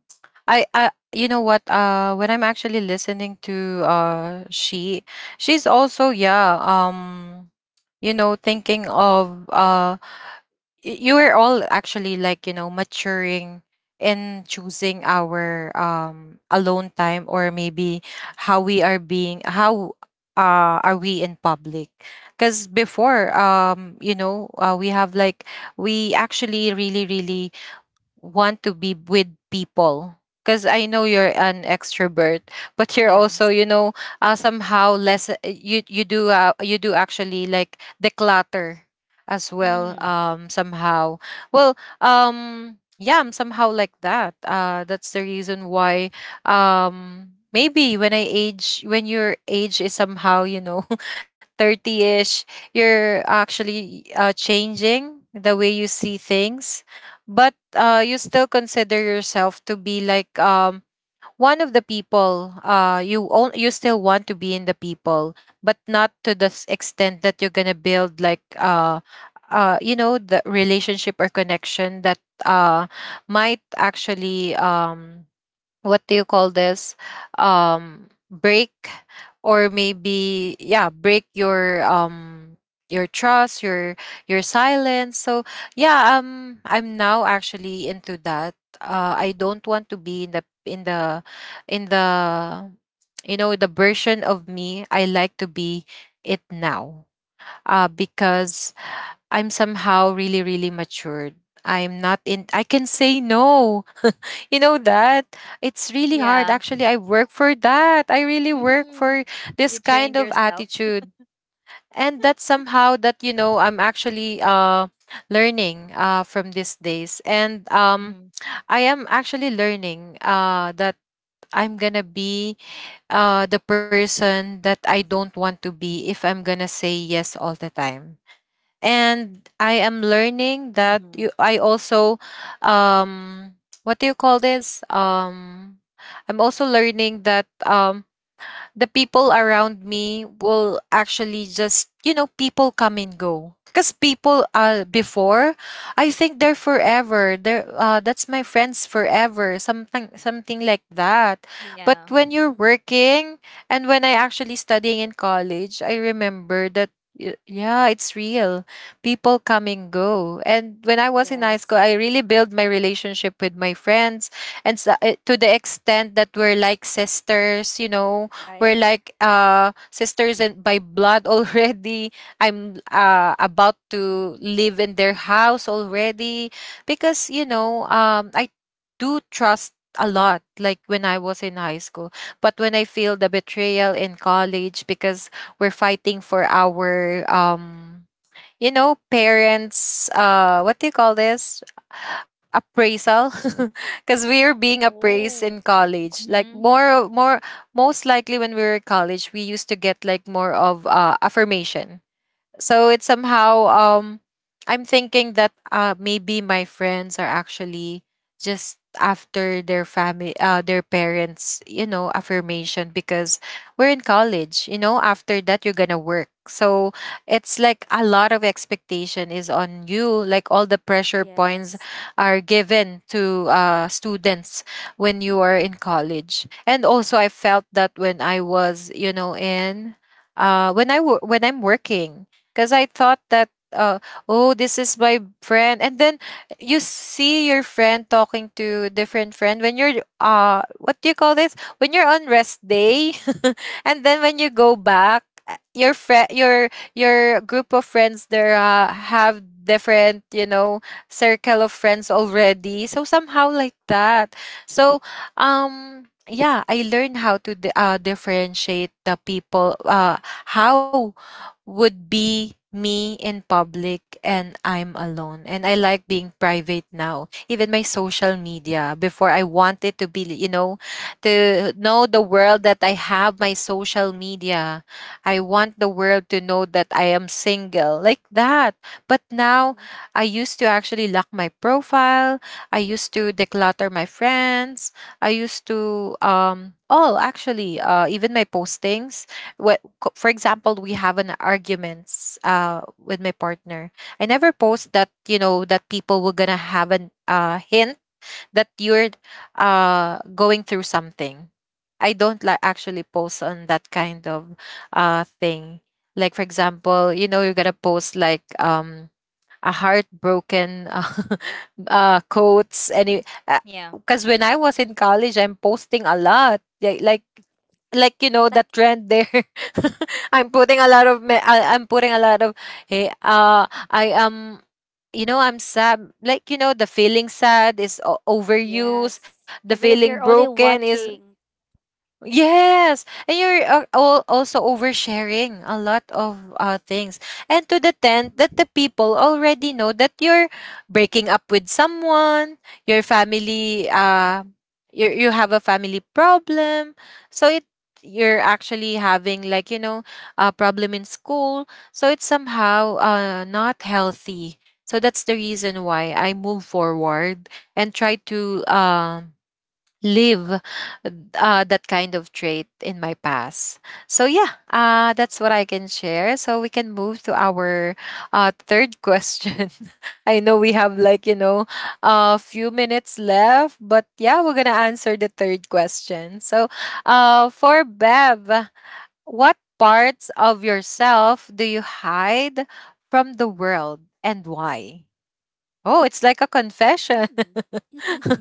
[SPEAKER 1] I I you know what, uh when I'm actually listening to uh She, she's also, yeah, um you know, thinking of uh y- you were all actually, like, you know, maturing in choosing our um alone time, or maybe how we are being, how uh are we in public. Because before, um you know, uh, we have like, we actually really really want to be with people, because I know you're an extrovert, but you're also,
[SPEAKER 2] Yes.
[SPEAKER 1] you know, uh, somehow less, you you do, uh, you do actually like declutter as well,
[SPEAKER 2] Hmm.
[SPEAKER 1] um somehow. Well, um yeah, I'm somehow like that. uh that's the reason why, um maybe when I age, when your age is somehow, you know, <laughs> thirty-ish, you're actually uh changing the way you see things. But, uh, you still consider yourself to be like, um one of the people, uh you own, you still want to be in the people, but not to the s- extent that you're gonna build like uh uh you know, the relationship or connection that uh might actually, um what do you call this, um break, or maybe, yeah, break your um your trust, your your silence. So yeah, um I'm now actually into that. uh I don't want to be in the, in the in the you know, the version of me I like to be it now, uh because I'm somehow really really matured. I'm not in, I can say no. You know that? It's really hard.
[SPEAKER 2] <laughs> Yeah.
[SPEAKER 1] Actually, I work for that. I really work
[SPEAKER 2] Mm-hmm.
[SPEAKER 1] for this
[SPEAKER 2] You
[SPEAKER 1] kind
[SPEAKER 2] trained
[SPEAKER 1] of
[SPEAKER 2] yourself.
[SPEAKER 1] attitude. And that's somehow, that, you know, I'm actually uh learning uh from these days. And um
[SPEAKER 2] Mm-hmm.
[SPEAKER 1] I am actually learning uh that I'm gonna be uh the person that I don't want to be if I'm gonna say yes all the time. And I am learning that,
[SPEAKER 2] Mm-hmm.
[SPEAKER 1] you I also um what do you call this, um I'm also learning that um the people around me will actually just, you know, people come and go. Because people, uh, before, I think they're forever. They're, uh, that's my friends forever. Something, something like that. But
[SPEAKER 2] Yeah.
[SPEAKER 1] when you're working, and when I actually studying in college, I remember that, y- yeah, it's real. People come and go. And when I was in high school, I really built my relationship with my friends and sa- eh, to the extent that we're like sisters, you know we're like uh sisters and by blood <laughs> already. I'm uh about to live in their house already, because you know um I do trust a lot, like when I was in high school. But when I feel the betrayal in college because we're fighting for our, um you know parents, uh what do you call this, appraisal. <laughs> Because we are being appraised in college, like
[SPEAKER 2] Mm-hmm.
[SPEAKER 1] more more most likely, when we were in college we used to get like more of uh affirmation. So it's somehow, um I'm thinking that uh maybe my friends are actually just after their family, uh their parents, you know affirmation, because we're in college. You know after that you're gonna work, so it's like a lot of expectation is on you, like all the pressure points are given to uh students when you are in college. And also I felt that when I was you know in uh when I wo- when I'm working. Because I thought that, uh, oh, this is my friend, and then you see your friend talking to different friend, when you're uh what do you call this, when you're on rest day. <laughs> And then when you go back, uh, your friend, your your group of friends there, uh, have different, you know circle of friends already. So somehow like that. So, um yeah, I learned how to di- uh, differentiate the people, uh how would be me in public and I'm alone. And I like being private now. Even my social media, before I wanted to be, you know, to know the world that I have my social media. I want the world to know that I am single, like that. But now, I used to actually lock my profile. I used to declutter my friends. I used to, um, all actually, uh, even my postings, what co- for example, we have an arguments uh with my partner. I never post that, you know that people were gonna have an uh hint that you're uh going through something. I don't like actually post on that kind of uh thing. Like for example, you know you're gonna post like, um a heartbroken, uh, <laughs> uh quotes, any.
[SPEAKER 2] Yeah.
[SPEAKER 1] Because when I was in college, I'm posting a lot, like like like you know the trend there. <laughs> I'm putting a lot of me- I, I'm putting a lot of, hey, uh I am, you know I'm sad. Like, you know the feeling sad is o- overused, the feeling broken is. Yes, and you're, uh, all also oversharing a lot of, uh, things, and to the tent that the people already know that you're breaking up with someone, your family, uh, you you have a family problem, so it you're actually having, like, you know a problem in school. So it's somehow uh not healthy. So that's the reason why I move forward and try to um live, uh, that kind of trait in my past. So, yeah, uh, that's what I can share. So we can move to our, uh, third question. <laughs> I know we have like, you know a few minutes left, but yeah, we're gonna answer the third question. So, uh, for Bev, what parts of yourself do you hide from the world and why? Oh, it's like a confession. <laughs>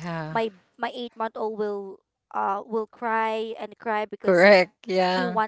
[SPEAKER 1] Yeah. Correct, yeah.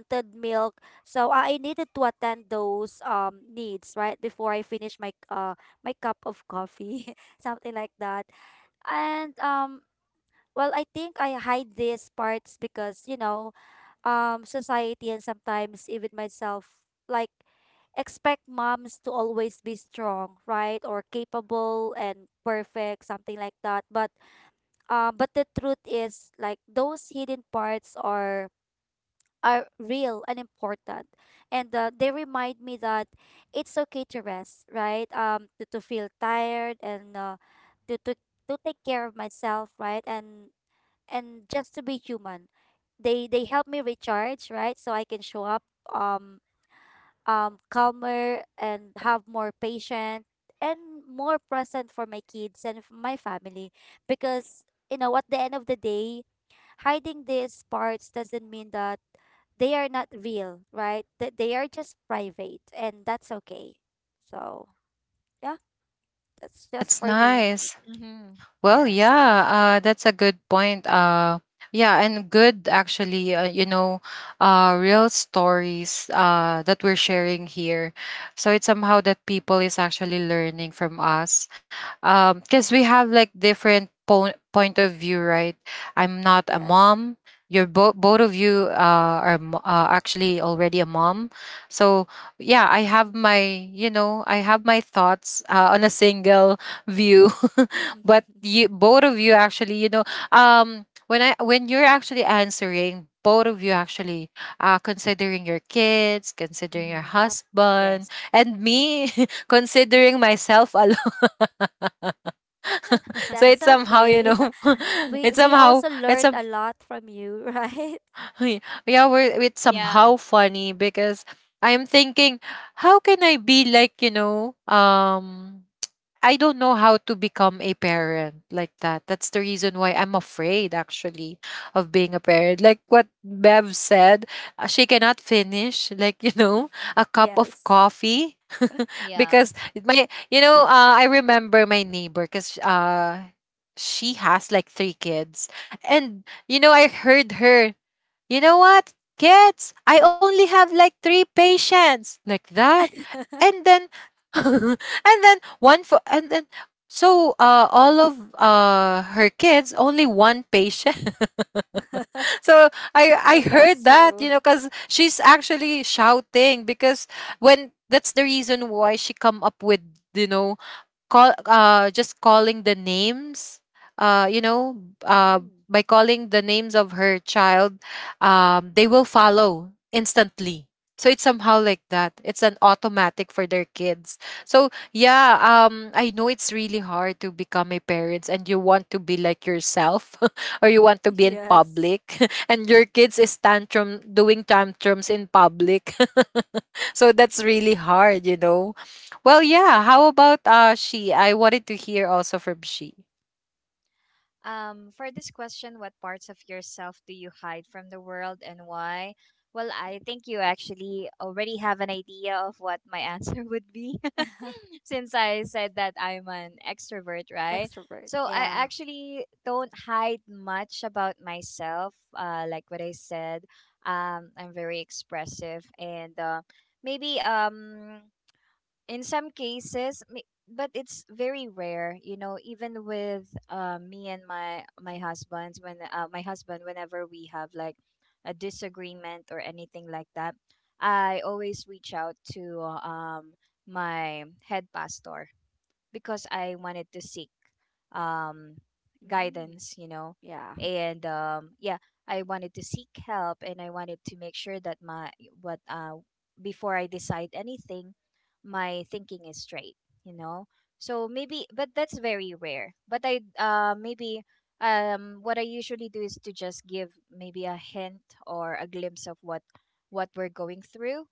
[SPEAKER 1] That's nice.
[SPEAKER 2] Mm-hmm.
[SPEAKER 1] Well,
[SPEAKER 2] Yes.
[SPEAKER 1] yeah, uh, that's a good point. Uh, yeah, and good actually, uh, you know, uh, real stories, uh, that we're sharing here. So it's somehow that people is actually learning from us, because we have like different po- point of view, right? I'm not a mom. You're both both of you, uh, are mo- uh, actually already a mom. So yeah, I have my, you know, I have my thoughts, uh, on a single view. <laughs> But you both of you actually, you know um when i when you're actually answering, both of you actually, uh considering your kids, considering your
[SPEAKER 2] Mm-hmm.
[SPEAKER 1] husband,
[SPEAKER 2] Yes.
[SPEAKER 1] and me, <laughs> considering myself alone. <laughs> So
[SPEAKER 2] <laughs>
[SPEAKER 1] it's somehow, you know <laughs> it's somehow, it's some. <laughs> Yeah, we're, it's
[SPEAKER 2] Yeah.
[SPEAKER 1] somehow funny, because I'm thinking, how can I be like, you know um I don't know how to become a parent like that. That's the reason why I'm afraid actually of being a parent. Like what Bev said, uh, she cannot finish like <laughs> you know a cup of coffee. <laughs>
[SPEAKER 2] Yeah.
[SPEAKER 1] Because my you know uh, I remember my neighbor, because uh she has like three kids. And you know I heard her, you know what, kids, I only have like three patients, like that. And then, <laughs> and then one for, and then, so, uh, all of, uh, her kids, only one patient. <laughs> So I, I heard that, you know, because she's actually shouting, because when that's the reason why she come up with, you know, call uh just calling the names, uh you know uh by calling the names of her child. um they will follow instantly, so it's somehow like that, it's an automatic for their kids. So yeah, um I know it's really hard to become a parent, and you want to be like yourself, <laughs> or you want to be in public, <laughs> and your kids is tantrum doing tantrums in public. <laughs> So that's really hard you know Well, yeah, how about uh she? I wanted to hear also from she.
[SPEAKER 2] Um, for this question, what parts of yourself do you hide from the world and why? Well, I think you actually already have an idea of what my answer <laughs> would be <laughs> since I said that I'm an extrovert, right? So I actually don't hide much about myself. Uh, like what I said, um, I'm very expressive and uh, maybe um in some cases, may-, but it's very rare. You know, even with uh, me and my my husband, when uh, my husband whenever we have like a disagreement or anything like that, I always reach out to uh, um my head pastor because I wanted to seek um, guidance, you know. And um, yeah, I wanted to seek help and I wanted to make sure that my, what uh, before I decide anything, my thinking is straight, you know. So maybe, but that's very rare. But I, uh, maybe um, what I usually do is to just give maybe a hint or a glimpse of what what we're going through.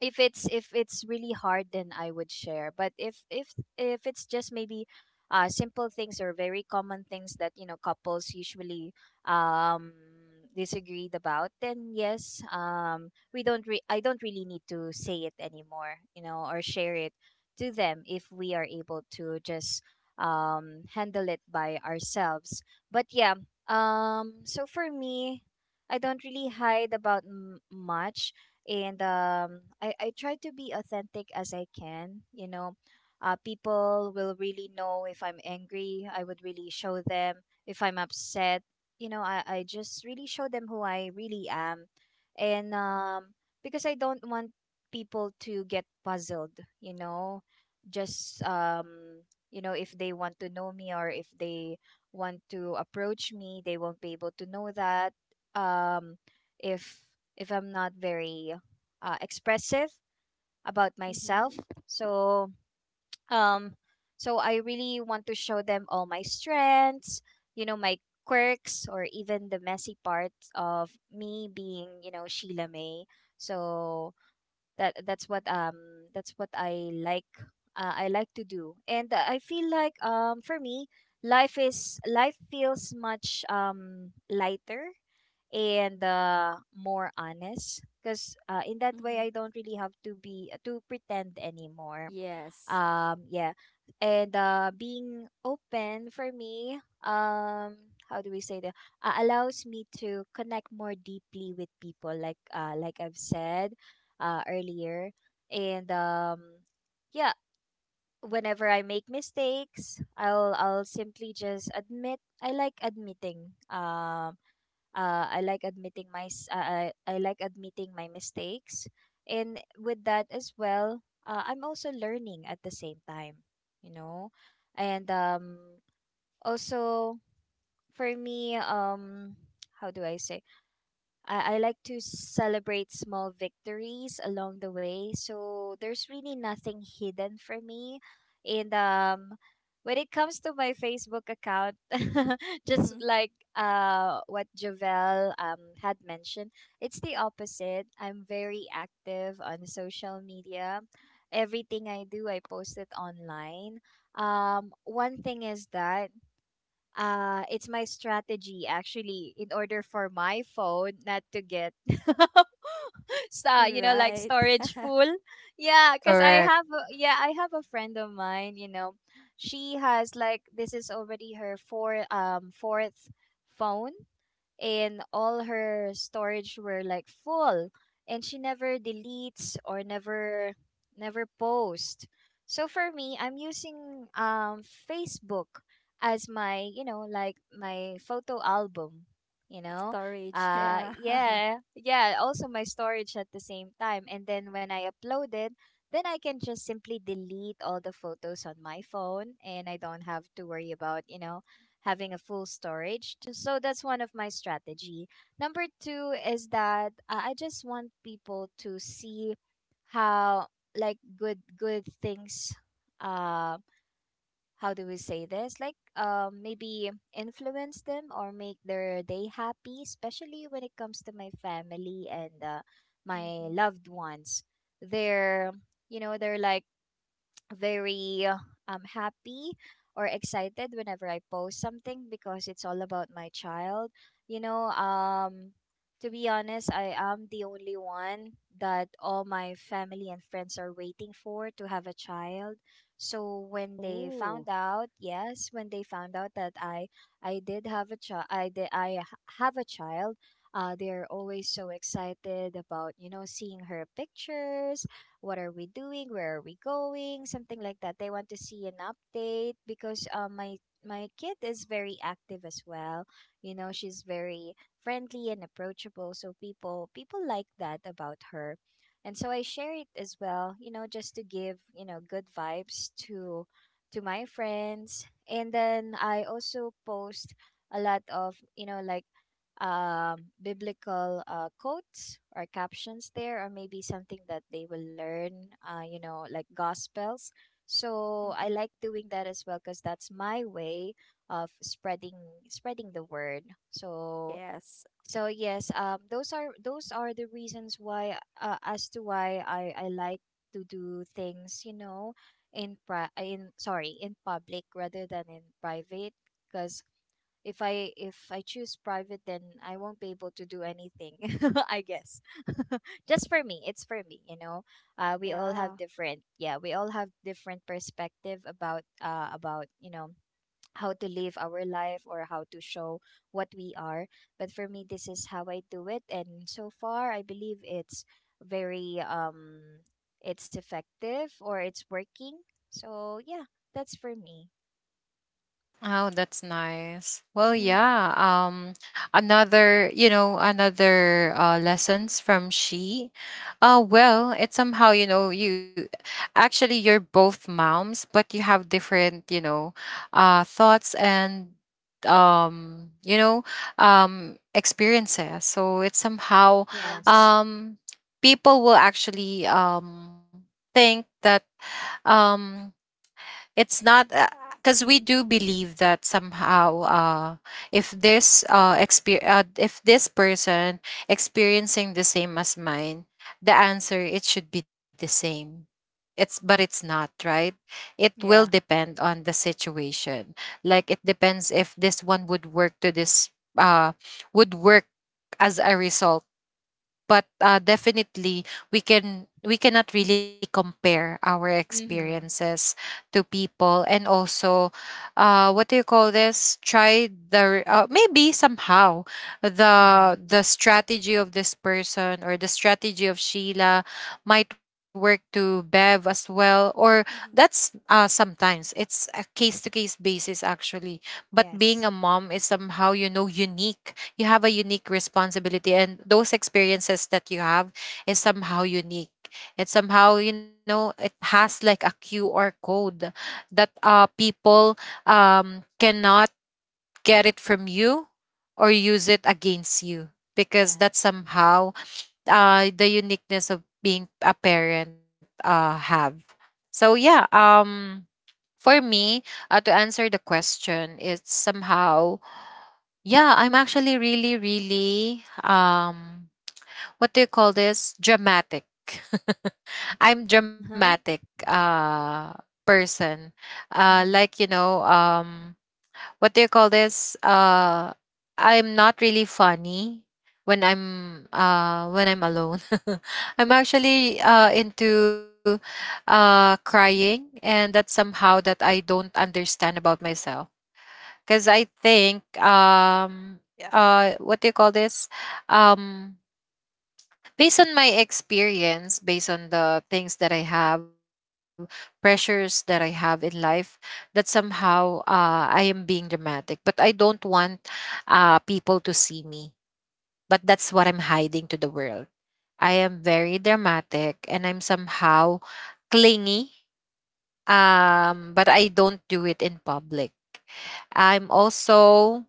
[SPEAKER 2] If it's if it's really hard then I would share. But if if if it's just maybe uh simple things or very common things that, you know, couples usually um disagreed about, then yes, um we don't re- I don't really need to say it anymore, you know, or share it to them if we are able to just um handle it by ourselves. But yeah, um so for me, I don't really hide about m- much. And um, I, I try to be authentic as I can. You know, uh, people will really know if I'm angry. I would really show them if I'm upset. You know, I, I just really show them who I really am, and um, because I don't want people to get puzzled. You know, just um, you know, if they want to know me or if they want to approach me, they won't be able to know that. Um, if if I'm not very uh, expressive about myself. So um so I really want to show them all my strengths, you know, my quirks or even the messy parts of me being, you know, Sheila May. So that that's what, um that's what I like, uh, I like to do. And I feel like, um for me, life is life feels much um lighter and uh, more honest because, uh, in that way I don't really have to be, uh, to pretend anymore. Um yeah. And uh, being open for me, um how do we say that, uh, allows me to connect more deeply with people, like uh, like I've said uh, earlier. And um yeah, whenever I make mistakes, i'll i'll simply just admit. I like admitting, um uh, I like admitting my s- uh, I, I like admitting my mistakes. And with that as well, uh, I'm also learning at the same time, you know. And um also for me, um how do I say, I, I like to celebrate small victories along the way. So there's really nothing hidden for me. And um when it comes to my Facebook account, <laughs> just like uh what Javel um had mentioned, it's the opposite. I'm very active on social media. Everything I do, I post it online. Um, one thing is that uh, it's my strategy actually in order for my phone not to get <laughs> sta you know, like, storage full. Yeah, cuz I
[SPEAKER 1] Correct.
[SPEAKER 2] have a, yeah, I have a friend of mine, you know. She has like, this is already her four um fourth phone, and all her storage were like full, and she never deletes or never never post. So for me, I'm using um Facebook as my, you know, like my photo album, you know. Uh yeah, yeah, also my storage at the same time. And then when I upload it, then I can just simply delete all the photos on my phone and I don't have to worry about, you know, having a full storage. T- So that's one of my strategy. Number two is that, uh, I just want people to see how, like, good good things, uh how do we say this, like, um maybe influence them or make their day happy, especially when it comes to my family and, uh, my loved ones. They're, you know, they're like very, uh, um, happy or excited whenever I post something because it's all about my child. You know, um, to be honest, I am the only one that all my family and friends are waiting for to have a child. So when they found out, yes, when they found out that I I did have a child, I did I h- have a child. Uh, they're always so excited about, you know, seeing her pictures, what are we doing, where are we going, something like that. They want to see an update because, um, my my kid is very active as well. You know, she's very friendly and approachable, so people people like that about her. And so I share it as well, you know, just to give, you know, good vibes to to my friends. And then I also post a lot of, you know, like, um, biblical uh, quotes or captions there, or maybe something that they will learn, uh, you know, like gospels. So I like doing that as well because that's my way of spreading spreading the word. So so yes, um, those are those are the reasons why, uh, as to why I I like to do things, you know, in pri- in sorry in public rather than in private, because if i if I choose private then I won't be able to do anything <laughs> I guess. <laughs> Just for me, it's for me, you know. Uh we all have different, yeah, we all have different perspective about, uh about, you know, how to live our life or how to show what we are. But for me, this is how I do it, and so far I believe it's very, um it's effective or it's working. So yeah, that's for me.
[SPEAKER 1] Oh, that's nice. Well,
[SPEAKER 2] Mm-hmm.
[SPEAKER 1] yeah. Um, another, you know, another, uh, lessons from she. Uh, well, it's somehow, you know, you actually you're both moms, but you have different, you know, uh, thoughts, and um, you know, um, experiences. So it's somehow,
[SPEAKER 2] Yes. Yes.
[SPEAKER 1] um, people will actually um think that um it's not, because we do believe that somehow, uh, if this uh, exper- uh, if this person experiencing the same as mine, the answer it should be the same. It's But it's not, right? It will
[SPEAKER 2] Yeah.
[SPEAKER 1] depend on the situation. Like, it depends if this one would work to this, uh would work as a result. But uh, definitely, we can we cannot really compare our
[SPEAKER 2] Mm-hmm.
[SPEAKER 1] experiences to people. And also, uh what do you call this, try, the r- uh, maybe somehow
[SPEAKER 2] Mm-hmm.
[SPEAKER 1] the the strategy of this person or the strategy of Sheila might work to Bev as well. Or that's uh sometimes it's a case to case basis actually. But being
[SPEAKER 2] Yes.
[SPEAKER 1] a mom is somehow you know unique. You have a unique responsibility, and those experiences that you have is somehow unique. It's somehow, you know it has like a Q R code that uh people um cannot get it from you, or use it against you, because
[SPEAKER 2] Yeah.
[SPEAKER 1] that's somehow uh the uniqueness of being a parent uh have. So yeah, um for me, uh, to answer the question, it's somehow, yeah, I'm actually really, really, um what do you call this? Dramatic. <laughs> I'm
[SPEAKER 2] Uh-huh.
[SPEAKER 1] dramatic uh person. Uh
[SPEAKER 2] Mm-hmm.
[SPEAKER 1] like, you know, um what do you call this? Uh I'm not really funny when I'm uh when I'm alone. <laughs> I'm actually uh into uh crying, and that's somehow that I don't understand about myself, because I think um uh what do you call this, um based on my experience, based on the things that I have, pressures that I have in life, that somehow uh I am being dramatic, but I don't want uh people to see me. But that's what I'm hiding to the world. I am very dramatic, and I'm somehow clingy, um but I don't do it in public. I'm also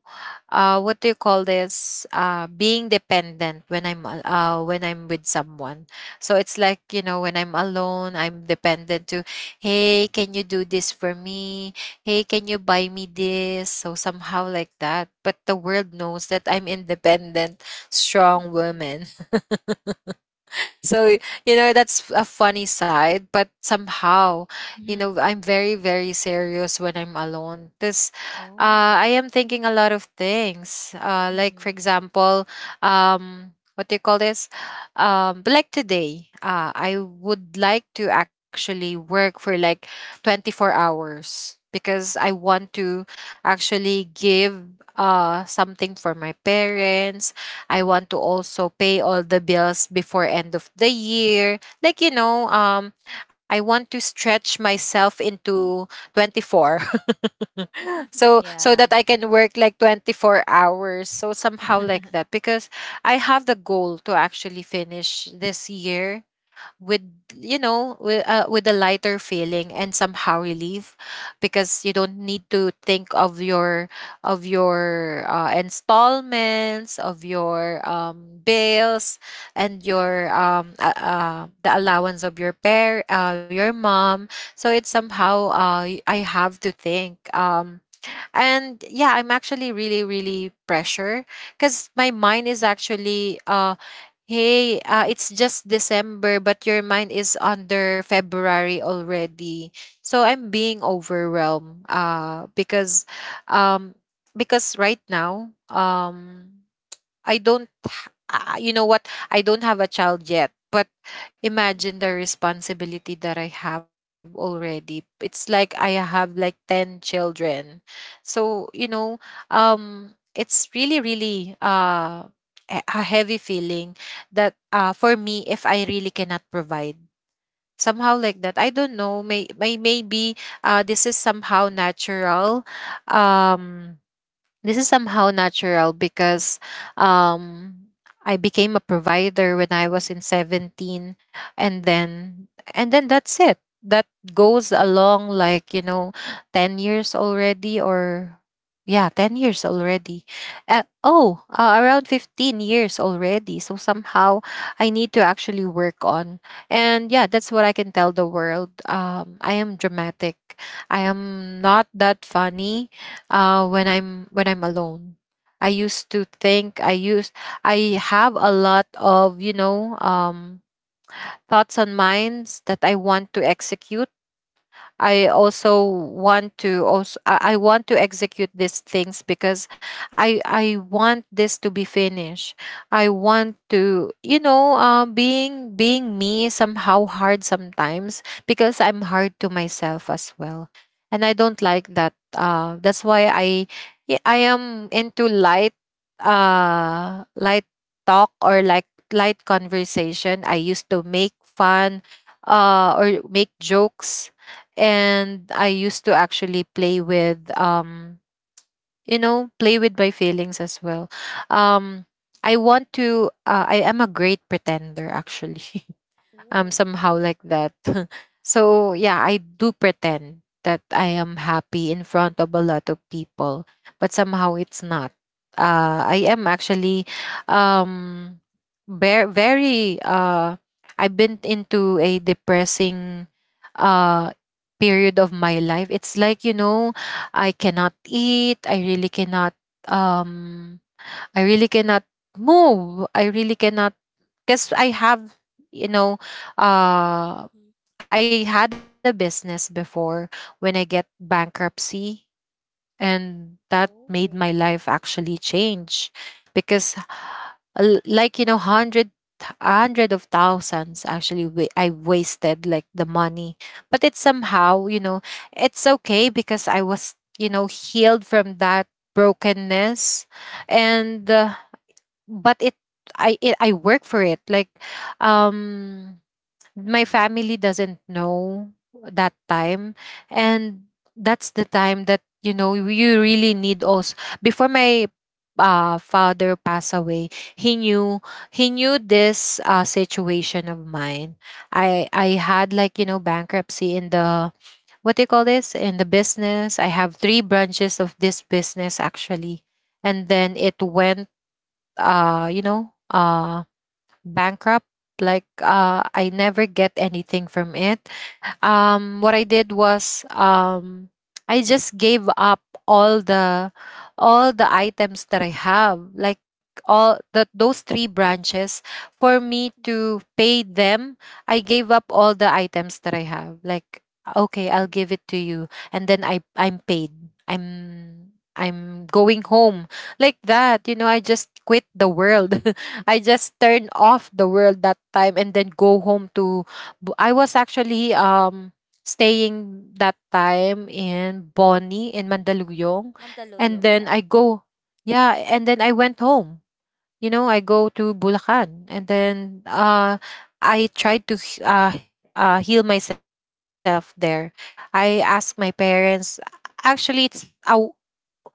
[SPEAKER 1] uh what do you call this, uh being dependent when i'm al- uh when I'm with someone. So it's like, you know when I'm alone I'm dependent to, hey, can you do this for me, hey, can you buy me this. So somehow like that. But the world knows that I'm independent, strong woman. So, you know that's a funny side, but somehow, you
[SPEAKER 2] Mm-hmm.
[SPEAKER 1] know I'm very, very serious when I'm alone, because uh,
[SPEAKER 2] Oh.
[SPEAKER 1] I am thinking a lot of things, uh, like for
[SPEAKER 2] Mm-hmm.
[SPEAKER 1] example, um what do you call this, um but like today, uh, I would like to actually work for like twenty-four hours, because I want to actually give uh something for my parents. I want to also pay all the bills before end of the year. Like, you know, um I want to stretch myself into twenty-four. <laughs> so so
[SPEAKER 2] Yeah.
[SPEAKER 1] that I can work like twenty-four hours. So
[SPEAKER 2] <laughs>
[SPEAKER 1] somehow like
[SPEAKER 2] Mm-hmm.
[SPEAKER 1] that. Because I have the goal to actually finish this year with you know with uh, with a lighter feeling and somehow relief, because you don't need to think of your of your uh, installments, of your um, bills, and your um uh, uh, the allowance of your pair uh, your mom. So it's somehow uh, y- I have to think. Um and yeah, I'm actually really really pressure, because my mind is actually uh hey, uh, it's just December but your mind is under February already. So I'm being overwhelmed uh because um because right now, um I don't, h- ah, you know what? I don't have a child yet. But imagine the responsibility that I have already. It's like I have like ten children. So, you know, um, it's really, really uh, a a heavy feeling that, uh, for me, if I really cannot provide, somehow like that, I don't know, may, may maybe uh, this is somehow natural. Um, this is somehow natural because, um, I became a provider when I was in seventeen, and then and then that's it. That goes along like, you know, ten years already, or yeah, ten years already. Uh, oh, uh, around fifteen years already. So somehow I need to actually work on. And yeah, that's what I can tell the world. Um, I am dramatic. I am not that funny uh, when I'm when I'm alone. I used to think I used I have a lot of you know um, thoughts on minds that I want to execute. I also want to also, I I want to execute these things because I I want this to be finished. I want to, you know uh, being being me is somehow hard sometimes because I'm hard to myself as well, and I don't like that. Uh, that's why I, yeah, I am into light uh light talk, or like light conversation. I used to make fun uh or make jokes, and I used to actually play with um you know play with my feelings as well. Um I want to, uh, I am a great pretender actually. <laughs> Um somehow like that. <laughs> So yeah, I do pretend that I am happy in front of a lot of people, but somehow it's not. uh I am actually, um very very uh I've been into a depressing uh period of my life. It's like, you know, I cannot eat, I really cannot, um I really cannot move, I really cannot, because I have, you know, uh, I had a business before when I get bankruptcy, and that made my life actually change because, l- like you know, hundred hundred of thousands actually, wa- I wasted like the money. But it's somehow, you know, it's okay because I was, you know, healed from that brokenness. And uh, but it, I it, I work for it. Like, um my family doesn't know that time, and that's the time that, you know, you really need also. Before my uh father passed away, he knew, he knew this uh situation of mine. I i had like, you know, bankruptcy in the, what do you call this, in the business. I have three branches of this business actually, and then it went, uh you know uh bankrupt. Like uh I never get anything from it. Um what I did was, um I just gave up all the, all the items that I have, like all the, those three branches, for me to pay them. I gave up all the items that I have, like okay, I'll give it to you, and then i i'm paid, i'm i'm going home. Like that, you know. I just quit the world. <laughs> I just turned off the world that time, and then go home to, bu- I was actually um staying that time in Boni in Mandaluyong. And
[SPEAKER 2] Mm-hmm.
[SPEAKER 1] then I go, yeah, and then I went home. You know, I go to Bulacan, and then uh, I tried to h- uh, uh, heal myself there. I asked my parents, actually, it's how,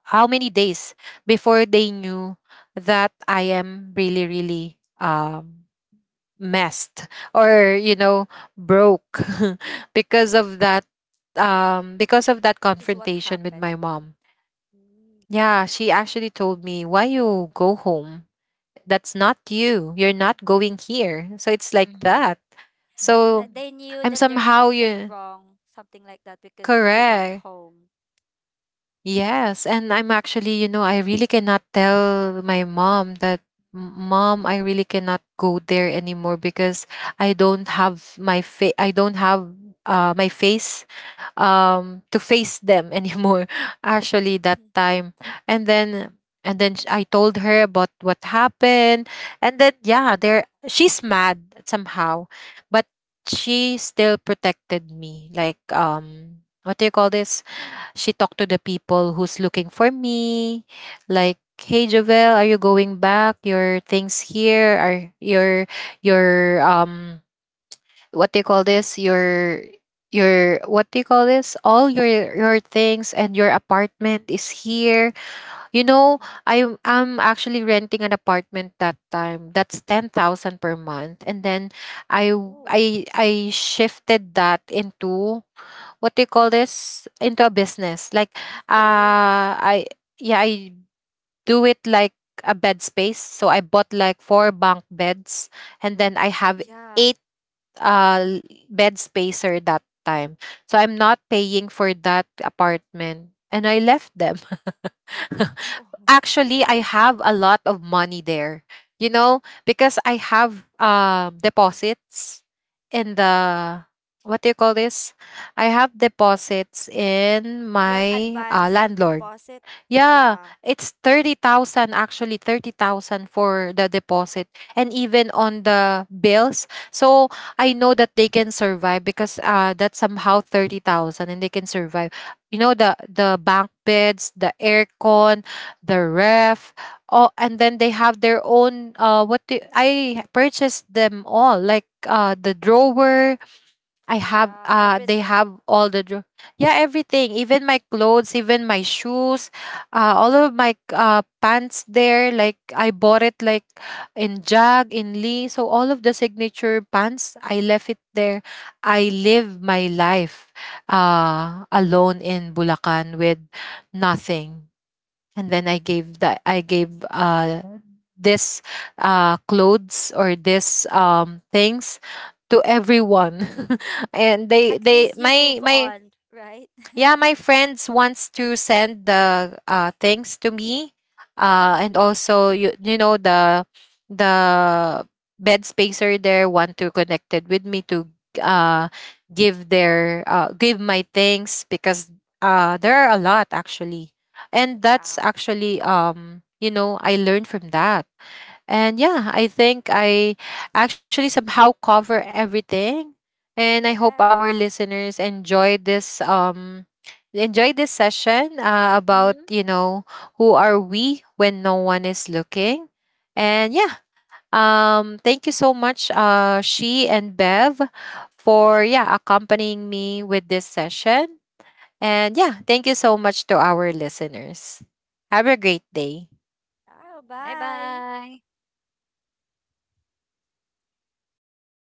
[SPEAKER 1] how many days before they knew that I am really, really um, messed, or you know, broke <laughs> because of that, um because of that confrontation with my mom. Yeah, she actually told me, why you go home? That's not you, you're not going here. So it's like
[SPEAKER 2] Mm-hmm.
[SPEAKER 1] that. So I'm somehow you correct. Yes, and I'm actually, you know, I really cannot tell my mom that, "M- Mom, I really cannot go there anymore because I don't have my fa- I don't have uh my face um to face them anymore." <laughs> Actually that time. And then and then sh- I told her about what happened, and then yeah, there, she's mad somehow, but she still protected me. Like, um what do you call this, she talked to the people who's looking for me. Like, hey Jovel, are you going back? Your things here are your your um what do you call this, your your what do you call this, all your your things and your apartment is here, you know. i i'm I'm actually renting an apartment that time that's ten thousand per month, and then I I I shifted that into, what do you call this, into a business. Like, uh I yeah, I do it like a bed space. So I bought like four bunk beds, and then I have eight uh l- bed spacer that time. So I'm not paying for that apartment, and I left them. <laughs> Actually I have a lot of money there, you know, because I have um deposits in the, what do you call this? I have deposits in my uh, landlord. Yeah, it's thirty thousand, actually thirty thousand for the deposit and even on the bills. So I know that they can survive because uh that's somehow thirty thousand, and they can survive. You know, the the bank beds, the aircon, the ref. Oh, and then they have their own uh what do, I purchased them all, like uh the drawer. I have uh they have all the dr- yeah everything, even my clothes, even my shoes, uh all of my uh pants there, like I bought it like in Jag, in Lee. So all of the signature pants I left it there. I live my life uh alone in Bulacan with nothing. And then i gave that i gave uh this uh clothes, or this um things, to everyone. <laughs> And they they my my yeah, my friends wants to send the uh things to me, uh and also, you you know, the the bed spacer there want to connected with me to uh give their uh give my things, because uh there are a lot actually. And that's actually, um you know, I learned from that. And yeah, I think I actually somehow cover everything. And I hope our listeners enjoy this um enjoy this session uh,
[SPEAKER 2] Mm-hmm.
[SPEAKER 1] about, you know, who are we when no one is looking. And yeah, um thank you so much uh She and Bev for, yeah, accompanying me with this session. And yeah, thank you so much to our listeners. Have a great day.
[SPEAKER 2] Bye bye.